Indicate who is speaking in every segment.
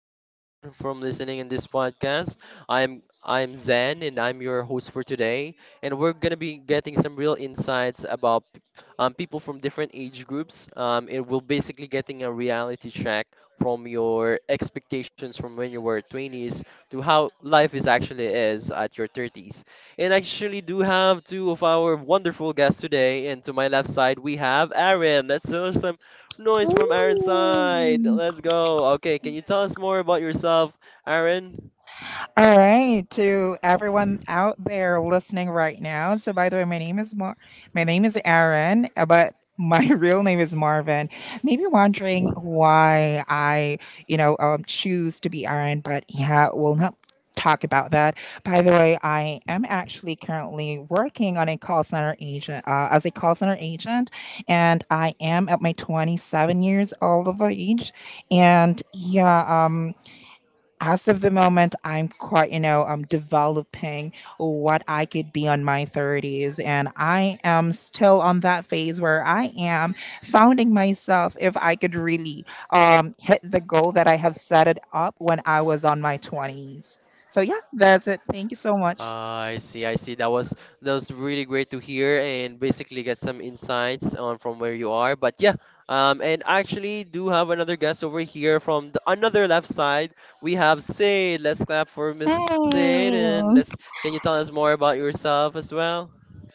Speaker 1: evening, everyone from listening in this podcast. I'm Zen, and I'm your host for today. And we're gonna be getting some real insights about people from different age groups. It will basically getting a reality check from your expectations from when you were 20s to how life is actually is at your 30s. And I actually do have two of our wonderful guests today. And to my left side, we have Aaron. Let's do some noise from Aaron's side. Let's go. Okay, can you tell us more about yourself, Aaron?
Speaker 2: All right, to everyone out there listening right now. So, by the way, my name is Aaron, but my real name is Marvin. Maybe wondering why I choose to be Aaron, but yeah, we'll not talk about that. By the way, I am actually currently working on a call center agent as a call center agent, and I am at my 27 years old of age, and yeah, as of the moment, I'm quite, you know, I'm developing what I could be on my 30s. And I am still on that phase where I am founding myself if I could really hit the goal that I have set it up when I was on my 20s. So, yeah, that's it. Thank you so much.
Speaker 1: I see, I see. That was really great to hear and basically get some insights on from where you are. But yeah, and actually do have another guest over here from the another left side. We have Sid. Let's clap for Miss
Speaker 3: Hey.
Speaker 1: Sid and let's. Can you tell us more about yourself as well?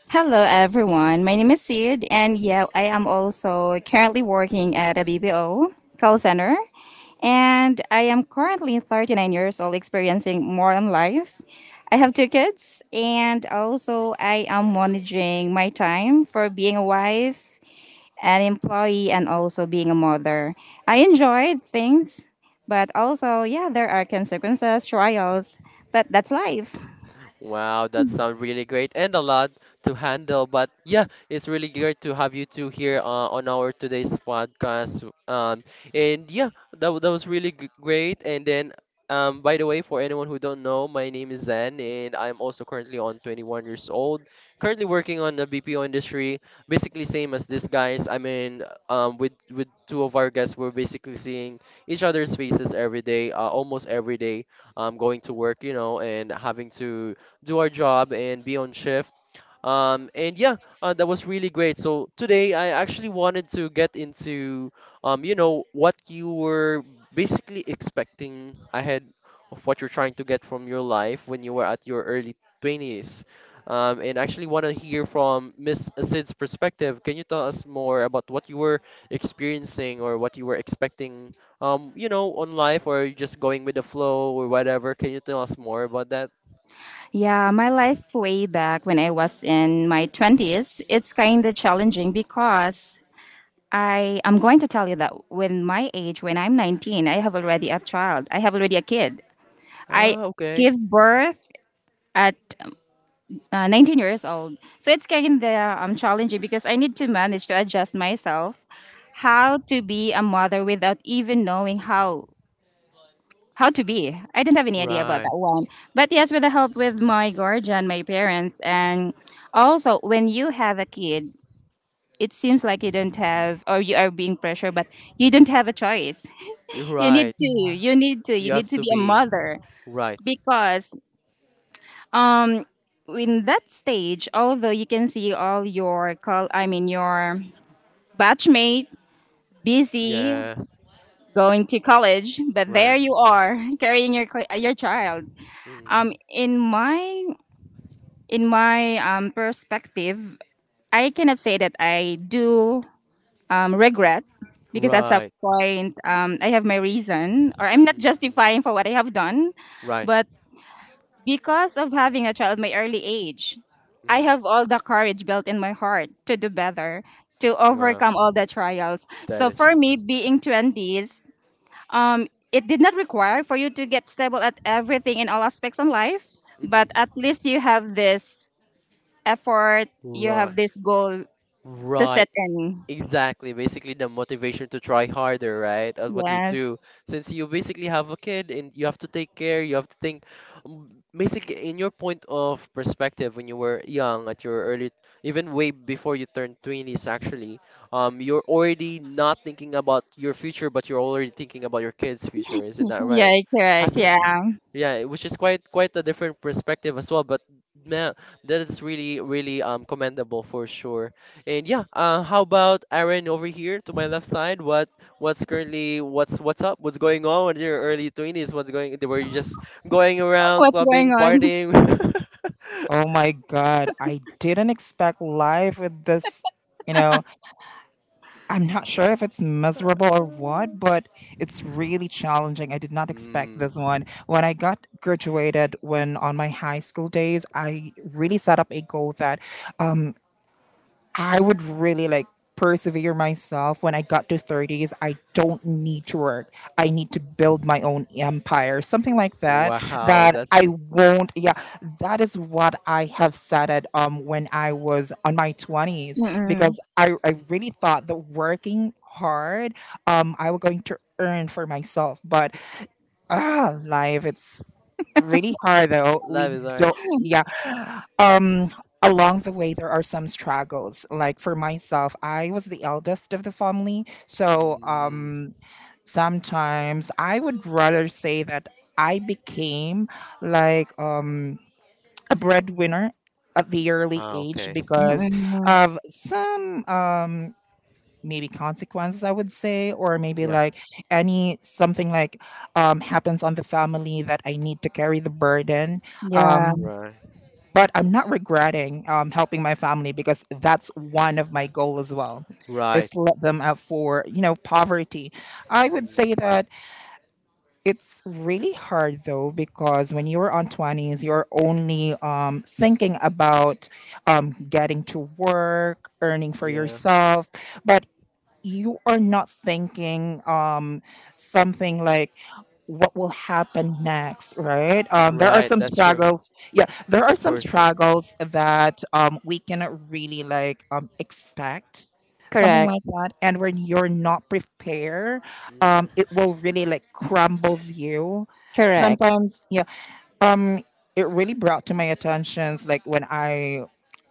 Speaker 3: Hello, everyone. My name is Sid, and yeah, I am also currently working at a BPO call center. And I am currently 39 years old, experiencing modern life. I have two kids, and also I am managing my time for being a wife, an employee, and also being a mother. I enjoyed things, but also, yeah, there are consequences, trials, but that's life.
Speaker 1: Wow, that sounds really great and a lot to handle. But yeah, it's really great to have you two here, on our today's podcast. And yeah, that was really g great. And then, by the way, for anyone who don't know, my name is Zen, and I'm also currently on 21 years old. Currently working on the BPO industry, basically same as these guys. I mean, with two of our guests, we're basically seeing each other's faces every day, almost every day, going to work, you know, and having to do our job and be on shift. And yeah, that was really great. So today I actually wanted to get into, what you were basically expecting ahead of what you're trying to get from your life when you were at your early 20s. And actually want to hear from Miss Asid's perspective. Can you tell us more about what you were experiencing or what you were expecting, on life, or are you just going with the flow or whatever? Can you tell us more about that?
Speaker 3: Yeah, my life way back when I was in my 20s, it's kind of challenging because I am going to tell you that when my age, when I'm 19, I have already a child. I have already a kid. I
Speaker 1: Ah, okay.
Speaker 3: give birth at 19 years old. So it's kind of challenging because I need to manage to adjust myself how
Speaker 1: Mm,
Speaker 3: to be a mother without even knowing how to be. I don't have any idea about
Speaker 1: right.
Speaker 3: that one. But yes, with the help with my guardian, my parents, and also when you have a kid, it seems like you don't have or you are being pressured, but you don't have a choice.
Speaker 1: You're
Speaker 3: You need
Speaker 1: right.
Speaker 3: to. You need to. You
Speaker 1: You
Speaker 3: need
Speaker 1: have
Speaker 3: to
Speaker 1: to
Speaker 3: be a
Speaker 1: be
Speaker 3: mother
Speaker 1: right.
Speaker 3: because um in that stage, although you can see all your your batchmate busy
Speaker 1: Yeah.
Speaker 3: going to college, but there
Speaker 1: Right.
Speaker 3: you are carrying your your child.
Speaker 1: Mm,
Speaker 3: In my perspective, I cannot say that I do regret because at some
Speaker 1: right.
Speaker 3: point I have my reason or I'm not
Speaker 1: Mm,
Speaker 3: justifying for what I have done.
Speaker 1: right.
Speaker 3: But because of having a child my early age, I
Speaker 1: Mm,
Speaker 3: have all the courage built in my heart to do better, to
Speaker 1: well,
Speaker 3: overcome all the trials.
Speaker 1: that
Speaker 3: So
Speaker 1: is
Speaker 3: for
Speaker 1: true.
Speaker 3: me, being 20s, it did not require for you to get stable at everything in all aspects of life, but
Speaker 1: Mm,
Speaker 3: at least you have this effort, you
Speaker 1: right.
Speaker 3: have this goal to set
Speaker 1: Right.
Speaker 3: in.
Speaker 1: Exactly, basically the motivation to try harder, right, at what you
Speaker 3: Yes.
Speaker 1: do. Since you basically have a kid and you have to take care, you have to think. um, Basically, in your point of perspective, when you were young, at your early, even way before you turned 20s, actually, you're already not thinking about your future, but you're already thinking about your kid's future. Isn't that right?
Speaker 3: Yeah,
Speaker 1: Has
Speaker 3: correct.
Speaker 1: it?
Speaker 3: Yeah.
Speaker 1: Yeah, which is quite a different perspective as well, but man, that is really commendable for sure. And yeah, how about Aaron over here to my left side? What's up? What's going? On with your early 20s? What's going? Were you just going around
Speaker 3: What's going
Speaker 1: clubbing,
Speaker 3: on?
Speaker 1: partying?
Speaker 2: Oh my God, I didn't expect life with this, you know, I'm not sure if it's miserable or what, but it's really challenging. I did not expect
Speaker 1: Mm,
Speaker 2: this one. When I got graduated, when on my high school days, I really set up a goal that I would really like persevere myself when I got to 30s. I don't need to work. I need to build my own empire, something like that.
Speaker 1: wow,
Speaker 2: That
Speaker 1: that's
Speaker 2: I won't. Yeah, that is what I have said at when I was on my 20s
Speaker 3: Mm-mm.
Speaker 2: because I really thought that working hard I was going to earn for myself, but life it's really hard though. We
Speaker 1: that is Aaron.
Speaker 2: don't. Yeah, um along the way, there are some struggles. Like for myself, I was the eldest of the family, so
Speaker 1: Mm,
Speaker 2: sometimes I would rather say that I became, like, a breadwinner at the early
Speaker 1: ah,
Speaker 2: age
Speaker 1: okay.
Speaker 2: because
Speaker 3: Mm-mm.
Speaker 2: of some, maybe, consequences, I would say, or maybe
Speaker 1: Yeah,
Speaker 2: like any something like happens on the family that I need to carry the burden,
Speaker 3: Yeah.
Speaker 1: right,
Speaker 2: but I'm not regretting, helping my family because that's one of my goal as well,
Speaker 1: right.
Speaker 2: is to let them out for poverty. I would
Speaker 1: Mm,
Speaker 2: say that it's really hard though because when you're on 20s, you're only thinking about getting to work, earning for
Speaker 1: yeah,
Speaker 2: yourself. But you are not thinking something like what will happen next, right? There are
Speaker 1: right.
Speaker 2: some
Speaker 1: That's true,
Speaker 2: struggles, yeah, there are some
Speaker 1: for sure.
Speaker 2: struggles that we cannot really like expect, something
Speaker 3: Correct.
Speaker 2: like that, and when you're not prepared
Speaker 1: Mm.
Speaker 2: it will really like crumbles you
Speaker 3: Correct.
Speaker 2: sometimes, yeah. um it really brought to my attentions, like, when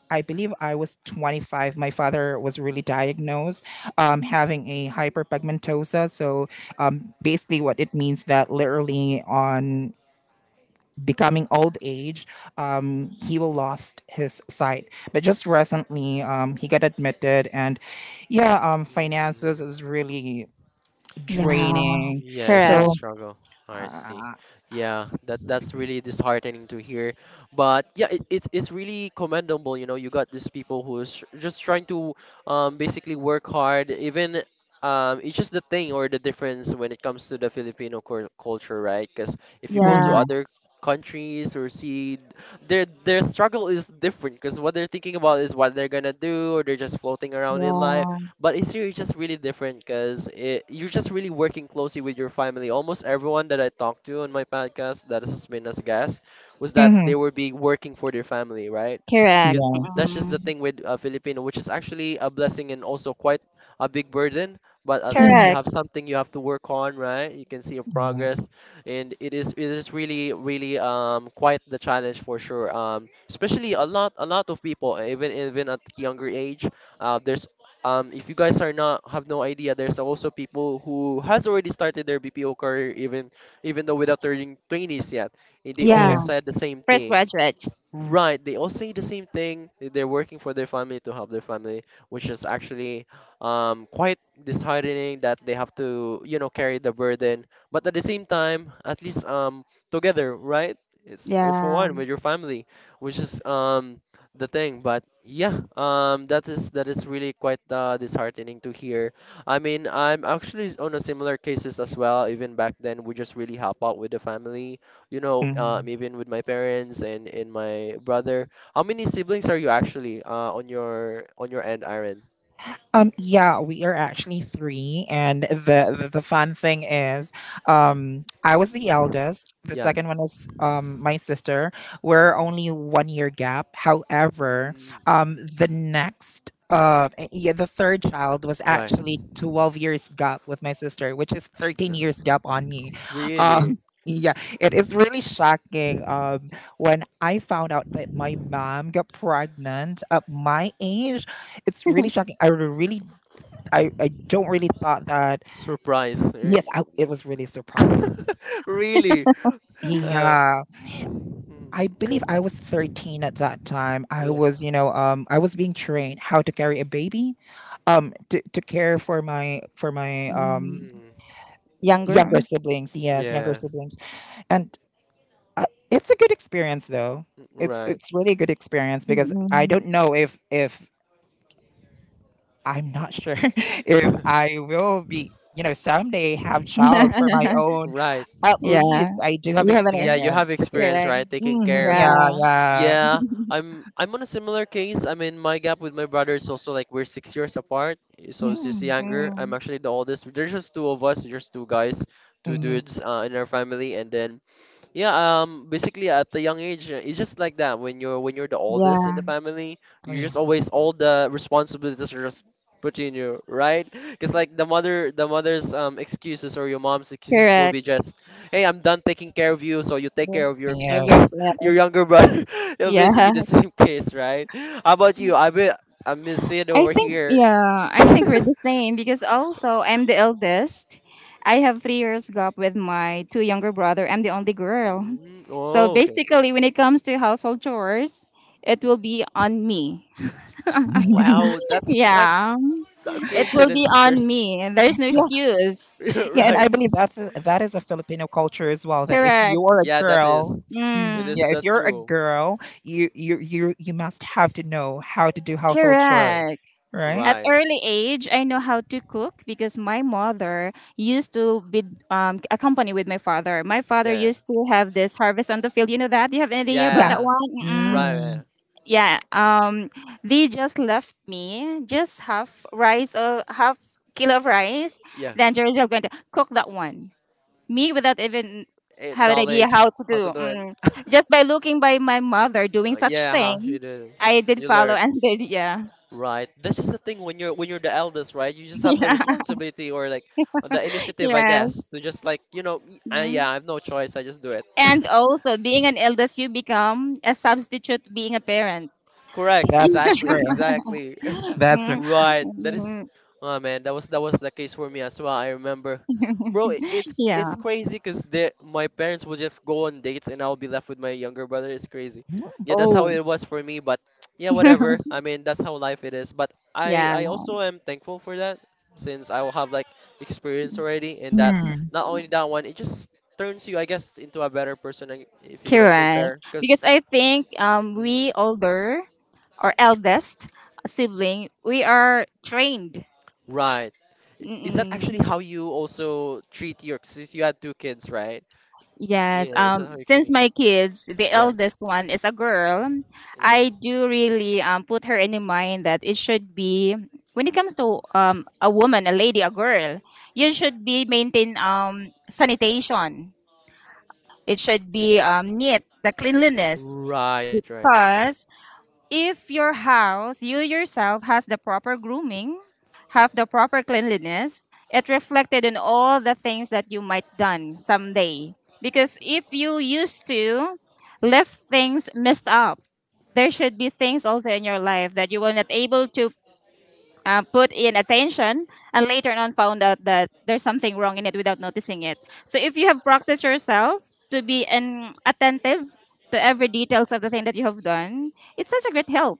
Speaker 2: I believe I was 25. My father was really diagnosed, having a hyperpigmentosa. So, basically, what it means that literally on becoming old age, he will lost his sight. But just recently, he got admitted, and yeah, finances
Speaker 1: Mm,
Speaker 2: is really
Speaker 3: Yeah.
Speaker 2: draining.
Speaker 1: yeah, it's really
Speaker 3: Correct.
Speaker 2: So.
Speaker 1: struggle. I see.
Speaker 2: Uh,
Speaker 1: Yeah, that's really disheartening to hear. But yeah, it's really commendable. You know, you got these people who's just trying to basically work hard. Even, it's just the thing or the difference when it comes to the Filipino culture, right? Because if you go to
Speaker 3: Yeah.
Speaker 2: mhm,
Speaker 1: other countries or see their struggle is different because what they're thinking about is what they're gonna do or they're just floating around in life,
Speaker 3: Yeah.
Speaker 1: but in Syria, it's just really different because you're just really working closely with your family. Almost everyone that I talked to on my podcast that has been as a guest was that
Speaker 2: mhm,
Speaker 1: they were being working for their family, right?
Speaker 3: Correct.
Speaker 1: Because
Speaker 2: yeah,
Speaker 1: that's just the
Speaker 3: Mm-mm.
Speaker 1: thing with, Filipino, which is actually a blessing and also quite a big burden. But at least
Speaker 2: mhm,
Speaker 1: you
Speaker 3: Correct.
Speaker 1: have something you have to work on, right? You can see your
Speaker 2: yeah,
Speaker 1: progress, and it is really quite the challenge for sure. Especially a lot of people, even at younger age, there's if you guys are not have no idea, there's also people who has already started their BPO career even though without turning 20s yet. They all
Speaker 3: Yeah.
Speaker 2: yeah.
Speaker 1: said the same
Speaker 3: Fresh
Speaker 1: thing.
Speaker 3: graduate.
Speaker 1: Right, they all say the same thing. That They're working for their family to help their family, which is actually, quite disheartening that they have to, carry the burden. But at the same time, at least, together, right? It's, for
Speaker 3: Yeah.
Speaker 1: one with your family, which is, the thing. But yeah, that is really quite, disheartening to hear. I mean, I'm actually on a similar cases as well. Even back then, we just really help out with the family,
Speaker 2: Mhm.
Speaker 1: even with my parents and my brother. How many siblings are you actually, on your end, Aaron?
Speaker 2: Yeah, we are actually three, and the fun thing is, I was the eldest. The
Speaker 1: Yeah.
Speaker 2: second one is my sister. We're
Speaker 1: Mm.
Speaker 2: only one year gap. However,
Speaker 1: Mm.
Speaker 2: the next yeah, the third child was
Speaker 1: Right.
Speaker 2: actually 12 years gap with my sister, which is 13
Speaker 1: No.
Speaker 2: years gap on me.
Speaker 1: Really?
Speaker 2: um yeah, it is really shocking, when I found out that my mom got pregnant at my age. It's really shocking. I don't really thought that.
Speaker 1: Surprise. Eh.
Speaker 2: Yes, it was really surprising.
Speaker 1: Really? Uh,
Speaker 2: Yeah, I believe
Speaker 1: mm.
Speaker 2: I was 13 at that time. I
Speaker 1: Yeah.
Speaker 2: was, you know, um, I was being trained how to carry a baby, to care for my
Speaker 3: Mm.
Speaker 1: Mm.
Speaker 3: Younger.
Speaker 2: younger siblings. Yes, younger
Speaker 1: Yeah.
Speaker 2: siblings, and it's a good experience though.
Speaker 1: Mm,
Speaker 2: It's
Speaker 1: right.
Speaker 2: it's really a good experience because I don't
Speaker 3: Mm-mm.
Speaker 2: know if I'm not sure if I will be, someday have child for my own.
Speaker 1: Right.
Speaker 2: At
Speaker 3: Yeah.
Speaker 2: least I do have
Speaker 3: You have an
Speaker 1: Yeah,
Speaker 3: age.
Speaker 1: you have
Speaker 2: experience to get.
Speaker 1: experience,
Speaker 3: Correct.
Speaker 1: right? Taking
Speaker 2: Mm,
Speaker 1: care of your
Speaker 2: yeah,
Speaker 3: Yeah.
Speaker 2: yeah.
Speaker 1: Yeah, I'm on a similar case. I mean, my gap with my brother is also like we're 6 years apart, so she's
Speaker 2: Mm,
Speaker 1: younger. I'm
Speaker 3: Mm.
Speaker 1: actually the oldest. There's just two of us, just two guys, two
Speaker 2: mm,
Speaker 1: dudes, in our family, and then yeah, basically at the young age, it's just like that. When you're the oldest in the
Speaker 3: Yeah.
Speaker 1: family,
Speaker 2: oh,
Speaker 1: you're
Speaker 2: yeah.
Speaker 1: just always all the responsibilities are just put in you, right? Because like the mother's excuses or your mom's excuses will
Speaker 3: Correct.
Speaker 1: be just, "Hey, I'm done taking care of you, so you take care of your
Speaker 3: Give
Speaker 2: Yeah.
Speaker 3: your
Speaker 1: your
Speaker 3: tip.
Speaker 1: younger brother." It'll
Speaker 3: Yeah.
Speaker 1: basically the same case, right? How about you? I bet I'm Miss it
Speaker 3: I
Speaker 1: over
Speaker 3: think
Speaker 1: here.
Speaker 3: yeah, I think we're the same because also I'm the eldest. I have 3 years gap with my two younger brother. I'm the only girl.
Speaker 1: Mm,
Speaker 3: So
Speaker 1: oh, okay.
Speaker 3: basically when it comes to household chores, it will be on me.
Speaker 2: Yeah,
Speaker 1: Wow, that's quite
Speaker 3: Yeah.
Speaker 1: a
Speaker 3: It will be
Speaker 1: coincidence.
Speaker 3: on
Speaker 1: There's
Speaker 3: me. There's no excuse.
Speaker 2: yeah, and
Speaker 1: right.
Speaker 2: I believe that's a, that is a Filipino culture as well. That if
Speaker 3: Correct.
Speaker 2: you are a
Speaker 1: Yeah, that
Speaker 2: girl,
Speaker 1: is. It
Speaker 2: mm,
Speaker 3: Mm,
Speaker 1: is.
Speaker 2: yeah, if
Speaker 1: That's
Speaker 2: you're a
Speaker 1: true.
Speaker 2: girl, you must have to know how to do household
Speaker 3: correct.
Speaker 2: chores, right?
Speaker 3: At
Speaker 1: Right.
Speaker 3: early age, I know how to cook because my mother used to be accompanied with my father. My father
Speaker 1: Yeah.
Speaker 3: used to have this harvest on the field. You know that? Do you have any idea about
Speaker 2: Yeah,
Speaker 3: that
Speaker 1: Yeah.
Speaker 3: one? Mm-mm.
Speaker 1: Right. Yeah.
Speaker 2: mm,
Speaker 3: Yeah. They just left me just half rice or half kilo of rice.
Speaker 1: Yeah.
Speaker 3: Then they're just going to cook that one. Me without even have an idea how
Speaker 1: Knowledge.
Speaker 3: to
Speaker 1: How to
Speaker 3: do.
Speaker 1: do it.
Speaker 3: Mm. Just by looking by my mother doing such
Speaker 1: Yeah. How
Speaker 3: thing,
Speaker 1: you do.
Speaker 3: I did
Speaker 1: You
Speaker 3: follow
Speaker 1: learn.
Speaker 3: and did, yeah.
Speaker 1: Right. That's just the thing when you're the eldest, right? You just have the
Speaker 3: Yeah.
Speaker 1: responsibility or like the initiative, I guess,
Speaker 3: Yes.
Speaker 1: to just like.
Speaker 3: Mm-hmm.
Speaker 1: Yeah, I have no choice. I just do it.
Speaker 3: And also, being an eldest, you become a substitute being a parent.
Speaker 1: Correct.
Speaker 2: that's
Speaker 1: Exactly.
Speaker 2: true.
Speaker 1: Exactly.
Speaker 2: That's true.
Speaker 3: Mm,
Speaker 1: Right. That is.
Speaker 3: mm,
Speaker 1: Oh man, that was the case for me as well. I remember, bro. i- It's
Speaker 3: yeah.
Speaker 1: it's crazy because the my parents will just go on dates and I'll be left with my younger brother. It's crazy. Yeah, that's how
Speaker 3: Oh,
Speaker 1: it was for me. But yeah, whatever. I mean, that's how life it is. But I
Speaker 3: yeah.
Speaker 1: I also am thankful for that since I will have like experience already and that
Speaker 2: Mm-hmm.
Speaker 1: not only that one, it just turns you, I guess, into a better person like, if you like
Speaker 3: Correct.
Speaker 1: compare.
Speaker 3: Because
Speaker 1: Cause,
Speaker 3: I think
Speaker 1: mm,
Speaker 3: we older or eldest sibling, we are trained.
Speaker 1: right. Is that
Speaker 3: Mm-mm.
Speaker 1: actually how you also treat your, since you had two kids, right?
Speaker 3: Yes.
Speaker 1: Yeah, is that how you
Speaker 3: Since
Speaker 1: actually,
Speaker 3: my kids, the
Speaker 1: yeah.
Speaker 3: eldest one is a girl, I
Speaker 1: Mm,
Speaker 3: do really put her in the mind that it should be when it comes to a woman, a lady, a girl, you
Speaker 1: mm.
Speaker 3: should be maintain sanitation. It should be neat, the cleanliness,
Speaker 1: Right, right.
Speaker 3: because if your house, you yourself, has the proper grooming, have the proper cleanliness, it reflected in all the things that you might done someday. Because
Speaker 1: Mm.
Speaker 3: if you used to left things messed up, there should be things also in your life that you were not able to put in attention and later on found out that there's something wrong in it without noticing it. So if you have practiced yourself to be an attentive to every details of the thing that you have done, it's such a great help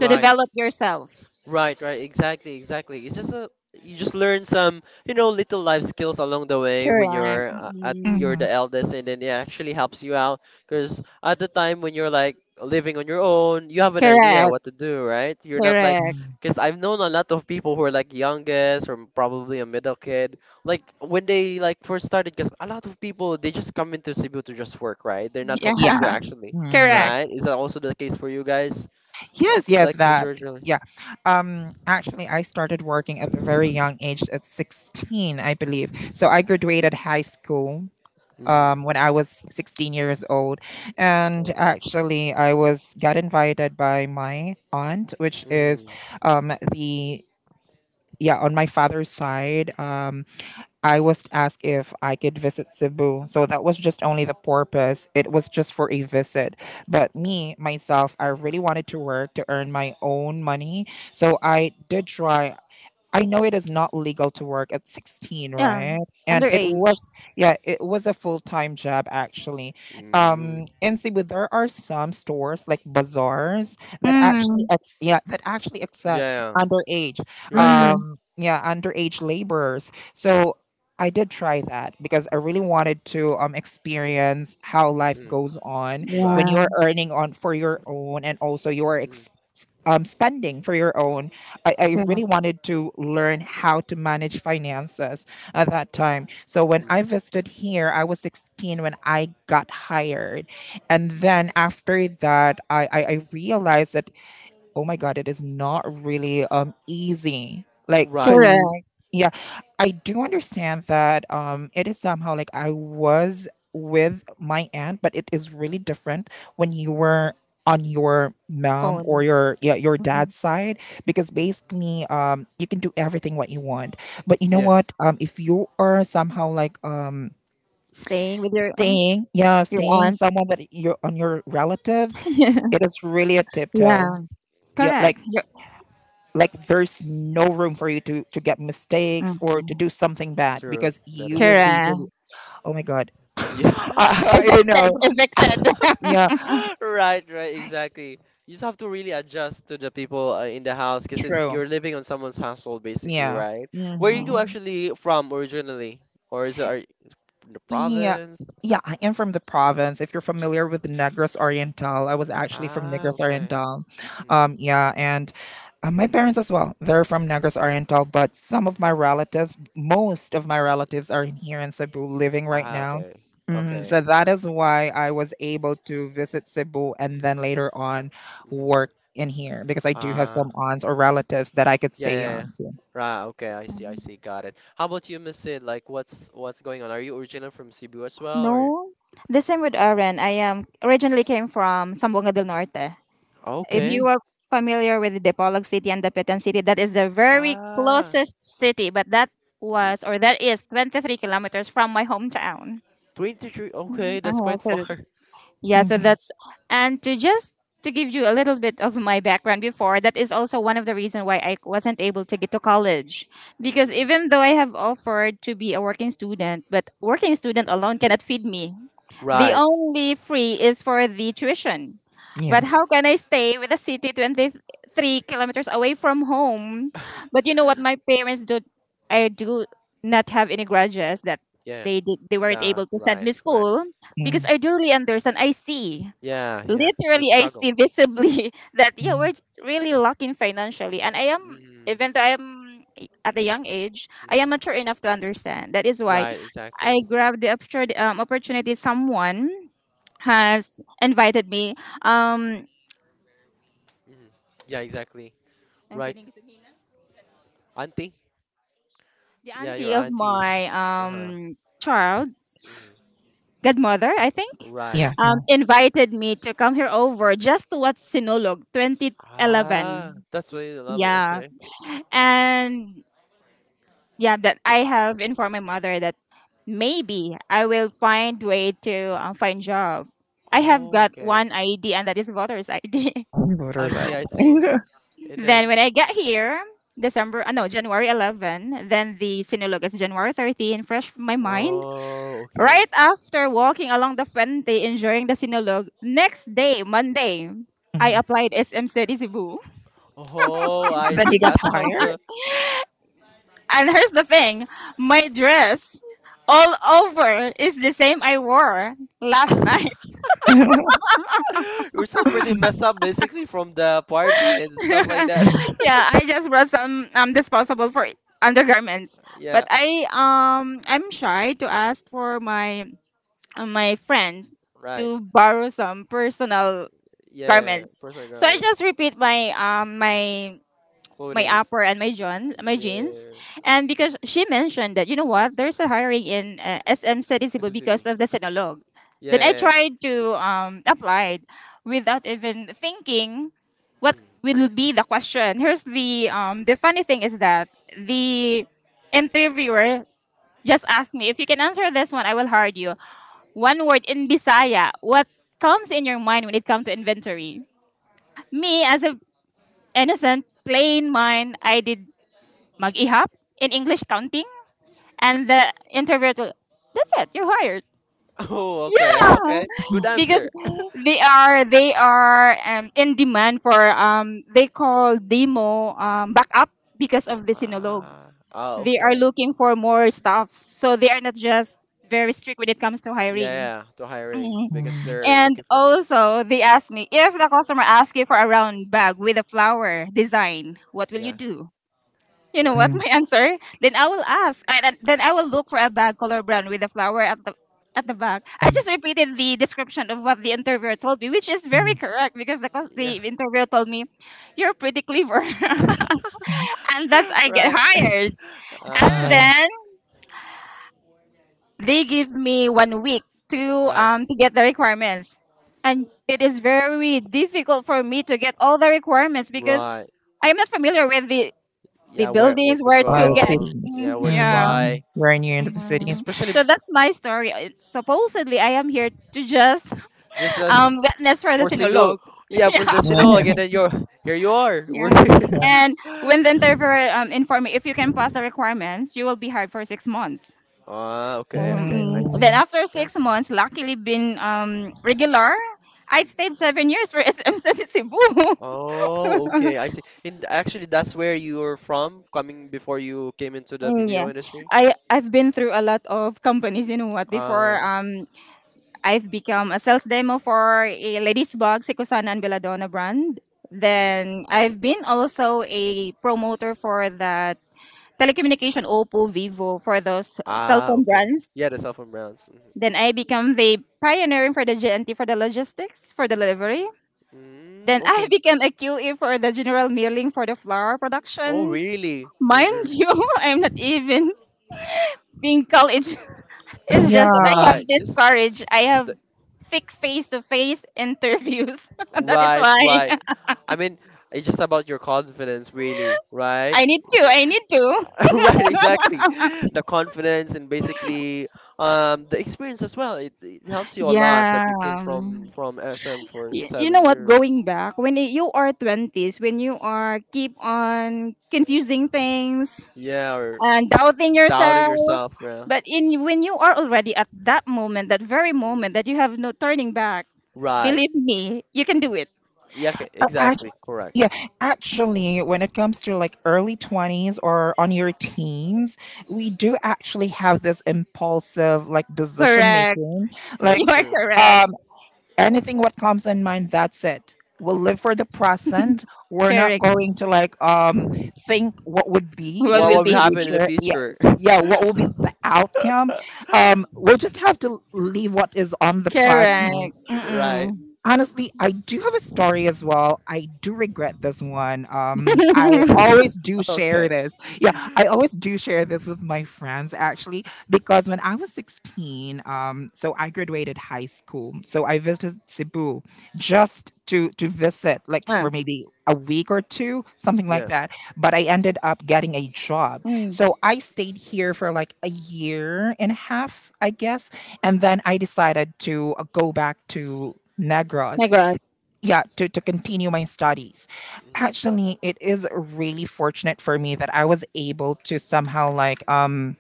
Speaker 3: to develop yourself.
Speaker 1: Right, right, exactly, exactly. It's just a you just learn some, you know, little life skills along the way when
Speaker 3: Correct.
Speaker 1: you're at you're
Speaker 3: Mm.
Speaker 2: Mhm.
Speaker 1: the eldest, and then it actually helps you out because at the time when you're like living on your own, you have an idea
Speaker 3: Correct.
Speaker 1: what to do, right? You're not like
Speaker 3: Correct.
Speaker 2: Mm.
Speaker 1: because I've known a lot of people who are like youngest or probably a middle kid, like when they like first started, because a lot of people they just come into Cebu to just work, right? They're not from
Speaker 2: Yeah.
Speaker 1: Cebu
Speaker 3: Yeah.
Speaker 1: actually,
Speaker 2: Mm.
Speaker 3: Correct.
Speaker 1: right? Is that also the case for you guys? Well,
Speaker 2: Yes, yes,
Speaker 1: like who's
Speaker 2: that.
Speaker 1: originally?
Speaker 2: Yeah. Actually I started working at a very young age at 16, I believe. So I graduated high school
Speaker 1: Mm.
Speaker 2: when I was 16 years old and
Speaker 1: Okay.
Speaker 2: actually I was got invited by my aunt, which is
Speaker 1: Mm,
Speaker 2: um the yeah, on my father's side. I was asked if I could visit Cebu. So that was just only the purpose. It was just for a visit. But me, myself, I really wanted to work to earn my own money. So I did try. I know it is not legal to work at 16,
Speaker 3: Yeah.
Speaker 2: right? And it
Speaker 1: mm,
Speaker 3: Underage.
Speaker 2: was, yeah, it was a full time job actually.
Speaker 1: mm,
Speaker 2: In Cebu, there are some stores like bazaars that
Speaker 1: mm.
Speaker 3: Mm.
Speaker 2: actually accepts
Speaker 1: Yeah.
Speaker 2: underage,
Speaker 1: Right. Right.
Speaker 3: Mm.
Speaker 2: yeah, underage laborers. So I did try that because I really wanted to experience how life
Speaker 1: Mm,
Speaker 2: goes on when
Speaker 1: right.
Speaker 2: you're
Speaker 3: Yeah.
Speaker 2: earning on for your own and also you're
Speaker 1: Mm,
Speaker 2: spending for your own. I
Speaker 3: Correct.
Speaker 2: really wanted to learn how to manage finances at that time. So when
Speaker 1: mm,
Speaker 2: I visited here, I was 16 when I got hired. And then after that, I realized that oh my god, it is not really easy. Like
Speaker 1: right.
Speaker 2: to
Speaker 3: Correct.
Speaker 2: yeah, I do understand that it is somehow like I was with my aunt, but it is really different when you were on your mom or
Speaker 3: Own.
Speaker 2: your, yeah, your
Speaker 3: Mhm.
Speaker 2: dad's side because
Speaker 1: Mm.
Speaker 2: basically you can do everything what you want. But you know
Speaker 1: Yeah.
Speaker 2: what? If you are somehow like,
Speaker 3: Staying with your
Speaker 2: staying, yeah,
Speaker 3: your
Speaker 2: staying
Speaker 3: aunt.
Speaker 2: someone that you're on your relatives, it is really a
Speaker 3: Yeah.
Speaker 2: tiptoe. Yeah, like
Speaker 3: Correct.
Speaker 2: like there's no room for you to get mistakes or to
Speaker 3: Mhm.
Speaker 2: do something bad
Speaker 1: True.
Speaker 2: because
Speaker 1: That
Speaker 2: you
Speaker 1: is
Speaker 2: will
Speaker 1: true.
Speaker 2: be
Speaker 3: Correct.
Speaker 2: really oh my god.
Speaker 1: Yeah.
Speaker 2: I,
Speaker 1: You
Speaker 2: I
Speaker 1: just.
Speaker 2: don't know.
Speaker 3: Evicted. Evicted.
Speaker 2: Yeah,
Speaker 1: Right. Right. Exactly. You just have to really adjust to the people, in the house because it's
Speaker 2: true.
Speaker 1: you're living on someone's household basically,
Speaker 2: Yeah.
Speaker 1: right? Where are
Speaker 2: Mhm.
Speaker 1: you
Speaker 3: Mm-mm.
Speaker 1: actually from originally, or is it are you in the
Speaker 2: Yeah.
Speaker 1: province?
Speaker 2: Yeah, I am from the province. If you're familiar with Negros Oriental, I was actually from
Speaker 1: Ah.
Speaker 2: Negros
Speaker 1: Okay.
Speaker 2: Oriental.
Speaker 1: Mm.
Speaker 2: Yeah, and my parents as well. They're from Negros Oriental, but some of my relatives, most of my relatives, are in here in Cebu living right
Speaker 1: Ah.
Speaker 2: now.
Speaker 1: Okay.
Speaker 2: Mhm,
Speaker 1: Okay.
Speaker 2: so that is why I was able to visit Cebu and then later on work in here because I do have
Speaker 1: Mm.
Speaker 2: some aunts or relatives that I could
Speaker 1: Yeah,
Speaker 2: stay
Speaker 1: yeah, yeah.
Speaker 2: on to.
Speaker 1: Right, okay, I see, got it. How about you, Miss Sid? Like, what's going on? Are you originally from Cebu as well, or?
Speaker 3: No. The same with Aaron. I originally came from Sambonga del Norte. If
Speaker 2: Mm-hmm.
Speaker 1: Okay.
Speaker 3: you are familiar with Dipolog City and Dapitan City, that is the very
Speaker 1: Ah,
Speaker 3: closest city, but that
Speaker 1: see,
Speaker 3: was, or that is, 23 kilometers from my hometown.
Speaker 1: 23.
Speaker 3: So,
Speaker 1: Okay, that's quite
Speaker 3: so
Speaker 1: far.
Speaker 3: yeah, so that's, and to just to give you a little bit of my background before, that is also one of the reason why I wasn't able to get to college. Because
Speaker 1: Mm,
Speaker 3: even though I have offered to be a working student, but working student alone cannot feed me. The
Speaker 1: right.
Speaker 3: only free is for the tuition.
Speaker 2: Yeah.
Speaker 3: But
Speaker 1: Mm,
Speaker 3: how can I stay with a city 23 kilometers away from home? But you know what my parents do, I do not have any grudges that
Speaker 1: yeah.
Speaker 3: they did, they weren't
Speaker 1: The
Speaker 3: able to send
Speaker 1: Right,
Speaker 3: me
Speaker 1: right.
Speaker 3: school because
Speaker 1: Mm,
Speaker 3: I
Speaker 2: Mm-hmm.
Speaker 3: do really understand. I see.
Speaker 1: yeah, yeah. The
Speaker 3: Literally I
Speaker 1: struggle.
Speaker 3: see visibly that yeah, we're
Speaker 2: Mm-hmm.
Speaker 3: really lacking financially. And I am
Speaker 1: Mm,
Speaker 3: even though I am at a young age, I am
Speaker 1: mm,
Speaker 3: mature enough to understand. That is why
Speaker 1: right,
Speaker 3: I
Speaker 1: exactly.
Speaker 3: grabbed the opportunity someone has invited me. Um,
Speaker 1: Mm, yeah, exactly.
Speaker 3: ang sa
Speaker 1: Right,
Speaker 3: inyo,
Speaker 1: auntie.
Speaker 3: the
Speaker 1: Yeah, your
Speaker 3: auntie of
Speaker 1: aunties.
Speaker 3: my
Speaker 1: Uh-huh.
Speaker 3: child
Speaker 1: Mm,
Speaker 3: godmother, I think,
Speaker 1: right.
Speaker 2: Yeah. Yeah.
Speaker 3: invited me to come here over just to watch Sinulog
Speaker 1: Ah,
Speaker 3: 2011.
Speaker 1: that's what you love.
Speaker 3: Yeah. And yeah, that I have informed my mother that maybe I will find way to find job. I have
Speaker 1: Oh,
Speaker 3: got
Speaker 1: okay.
Speaker 3: one ID and that is voter's ID.
Speaker 2: He what
Speaker 1: I
Speaker 2: was I?
Speaker 1: see, I see. And
Speaker 3: Then
Speaker 1: then,
Speaker 3: when I get here, December, no, January 11, then the Sinulog is January 13, fresh from my mind.
Speaker 1: oh, okay.
Speaker 3: Right after walking along the Fuente enjoying the Sinulog, next day, Monday, I applied SM City Cebu.
Speaker 1: Oh, I
Speaker 2: But
Speaker 1: see.
Speaker 2: he got
Speaker 1: That's how
Speaker 2: hired?
Speaker 1: the
Speaker 3: And here's the thing, my dress all over is the same I wore last night.
Speaker 1: we're still pretty messed up basically from the party and stuff like that.
Speaker 2: Mm,
Speaker 3: Yeah, I just brought some disposable for undergarments. But
Speaker 1: Yeah,
Speaker 3: I'm shy to ask for my friend
Speaker 1: right.
Speaker 3: to borrow some personal
Speaker 1: Yeah,
Speaker 3: garments.
Speaker 1: personal
Speaker 3: So I
Speaker 1: garments,
Speaker 3: just repeat my
Speaker 1: clothings.
Speaker 3: upper and my jeans,
Speaker 1: Yeah,
Speaker 3: and because she mentioned that, you know what, there's a hiring in SM City
Speaker 1: it's
Speaker 3: Cebu because
Speaker 1: subsidy.
Speaker 3: of the sinolog, then I
Speaker 1: Yeah.
Speaker 3: tried to apply without even thinking
Speaker 1: Yeah,
Speaker 3: what
Speaker 1: yeah. Mm.
Speaker 3: will be the question. Here's the funny thing is that the interviewer just asked me, if you can answer this one, I will hire you. One word in bisaya, what comes in your mind when it comes to inventory? Me, as a innocent plain mind, I did, mag-ihap, in English counting, and the interviewer will, that's it, you're hired.
Speaker 1: Oh, okay,
Speaker 3: Ta-da!
Speaker 1: okay.
Speaker 2: mm,
Speaker 1: Good
Speaker 3: Because
Speaker 1: answer.
Speaker 3: they are in demand for they call demo backup because of the sinolog.
Speaker 1: Ah, ah,
Speaker 3: They are
Speaker 1: okay.
Speaker 3: looking for more stuff, so they are not just very strict when it comes to
Speaker 1: Yeah,
Speaker 3: hiring.
Speaker 1: yeah, to hiring
Speaker 3: Mm.
Speaker 1: because
Speaker 2: mm,
Speaker 1: they're
Speaker 3: And
Speaker 1: looking for.
Speaker 3: also, they asked me, if the customer asks you for a round bag with a flower design, what will you
Speaker 1: Yeah,
Speaker 3: do? You know
Speaker 1: right.
Speaker 3: what
Speaker 2: mm,
Speaker 3: my answer? Then I will ask. Then I will look for a bag color brown with a flower at the back. I just repeated the description of what the interviewer told me, which is very
Speaker 2: mm,
Speaker 3: correct because the cos-
Speaker 1: Yeah.
Speaker 3: the interviewer told me, "You're pretty clever,"
Speaker 2: mm.
Speaker 3: and that's I get
Speaker 1: right.
Speaker 3: hired. And
Speaker 2: No,
Speaker 1: Ah,
Speaker 3: then they give me 1 week to
Speaker 1: right,
Speaker 3: um to get the requirements, and it is very difficult for me to get all the requirements because
Speaker 1: right.
Speaker 3: I am not familiar with the
Speaker 1: Yeah, where
Speaker 3: buildings
Speaker 1: to
Speaker 3: where
Speaker 2: oh,
Speaker 3: to
Speaker 2: the
Speaker 3: get.
Speaker 1: go?
Speaker 2: cities.
Speaker 3: Mm,
Speaker 1: Yeah, where to
Speaker 3: yeah.
Speaker 2: Mm,
Speaker 1: buy?
Speaker 2: very near into the cities.
Speaker 3: Mm.
Speaker 1: Especially
Speaker 3: So that's my story. It's supposedly I am here to just
Speaker 1: just as
Speaker 3: witness for the
Speaker 1: for Sinul.
Speaker 3: sinulog.
Speaker 1: Yeah, for the Sinul again. Then you're here. You are. We're
Speaker 3: Yeah.
Speaker 2: Yeah.
Speaker 3: And when the interviewer informed me, if you can pass the requirements, you will be hired for 6 months.
Speaker 1: Ah,
Speaker 3: So
Speaker 1: okay, okay. I
Speaker 2: Mm,
Speaker 1: see.
Speaker 3: then after
Speaker 1: That.
Speaker 3: 6 months, luckily been regular, I stayed 7 years for SMC Cebu.
Speaker 1: Oh, okay. I see. And actually, that's where you were from, coming before you came into the
Speaker 3: Mm, yeah,
Speaker 1: BPO industry.
Speaker 3: I I've been through a lot of companies. You know what? Before
Speaker 1: Ah.
Speaker 3: I've become a sales demo for a ladies' bag, Sekusana and Belladonna brand.
Speaker 1: Mm.
Speaker 3: Then I've been also a promoter for that telecommunication Oppo, Vivo for those cell
Speaker 1: Ah,
Speaker 3: phone
Speaker 1: okay.
Speaker 3: brands.
Speaker 1: Yeah, the cell phone brands.
Speaker 3: Then I become the pioneering for the GNT for the logistics for delivery.
Speaker 1: Mhm. Mm,
Speaker 3: Then I
Speaker 1: okay.
Speaker 3: became a QE for the general milling for the flower
Speaker 1: Oh,
Speaker 3: production.
Speaker 1: really? For your
Speaker 3: Mind you, I'm not even being college. It's just that I have
Speaker 2: yeah.
Speaker 1: right,
Speaker 3: this courage. I
Speaker 1: just
Speaker 3: have
Speaker 1: the,
Speaker 3: thick face to face interviews. That is
Speaker 1: right,
Speaker 3: why
Speaker 1: right. I mean, it's just about your confidence, really, right?
Speaker 3: I need to.
Speaker 1: Yeah,
Speaker 3: I need to.
Speaker 1: right, exactly. The confidence and basically the experience as well. It helps you a lot
Speaker 3: Yeah.
Speaker 1: that you came from from SM for
Speaker 3: You know
Speaker 1: seven
Speaker 3: what?
Speaker 1: years.
Speaker 3: Going back, when you are 20s, when you are keep on confusing things
Speaker 1: Yeah, or
Speaker 3: and doubting
Speaker 1: doubting
Speaker 3: yourself,
Speaker 1: yourself, yeah.
Speaker 3: but in when you are already at that moment, that very
Speaker 1: Mm,
Speaker 3: moment that you have no turning back,
Speaker 1: right.
Speaker 3: believe me, you can do it.
Speaker 1: Yeah, okay,
Speaker 2: Uh, act-
Speaker 1: exactly, correct.
Speaker 2: yeah, actually, when it comes to like early 20s or on your teens, we do actually have this impulsive like decision
Speaker 3: Correct.
Speaker 2: making.
Speaker 3: You
Speaker 1: That's
Speaker 2: Like,
Speaker 3: are
Speaker 1: true.
Speaker 3: correct.
Speaker 2: um, anything what comes in mind, that's it, we'll live for the present. We're not
Speaker 3: Correct.
Speaker 2: going to like think what would be
Speaker 3: What
Speaker 1: What
Speaker 2: the
Speaker 3: will
Speaker 1: would
Speaker 3: be
Speaker 1: happen in the
Speaker 2: future. Yeah,
Speaker 1: future?
Speaker 2: yeah, what will be the outcome. We'll just have to leave what is on the present.
Speaker 3: Correct.
Speaker 1: Right.
Speaker 3: Mm-mm.
Speaker 2: Honestly, I do have a story as well. I do regret this one. I always do share
Speaker 1: Okay.
Speaker 2: this. Yeah, I always do share this with my friends actually because when I was 16, so I graduated high school. So I visited Cebu just to visit like for
Speaker 3: Ah,
Speaker 2: maybe a week or two, something like
Speaker 1: Yeah.
Speaker 2: that. But I ended up getting a job.
Speaker 3: mm.
Speaker 2: So I stayed here for like a year and a half, I guess, and then I decided to go back to Negros.
Speaker 3: Negros.
Speaker 2: Yeah, to, continue my studies.
Speaker 1: Hmm.
Speaker 2: Actually, it is really fortunate for me that I was able to somehow like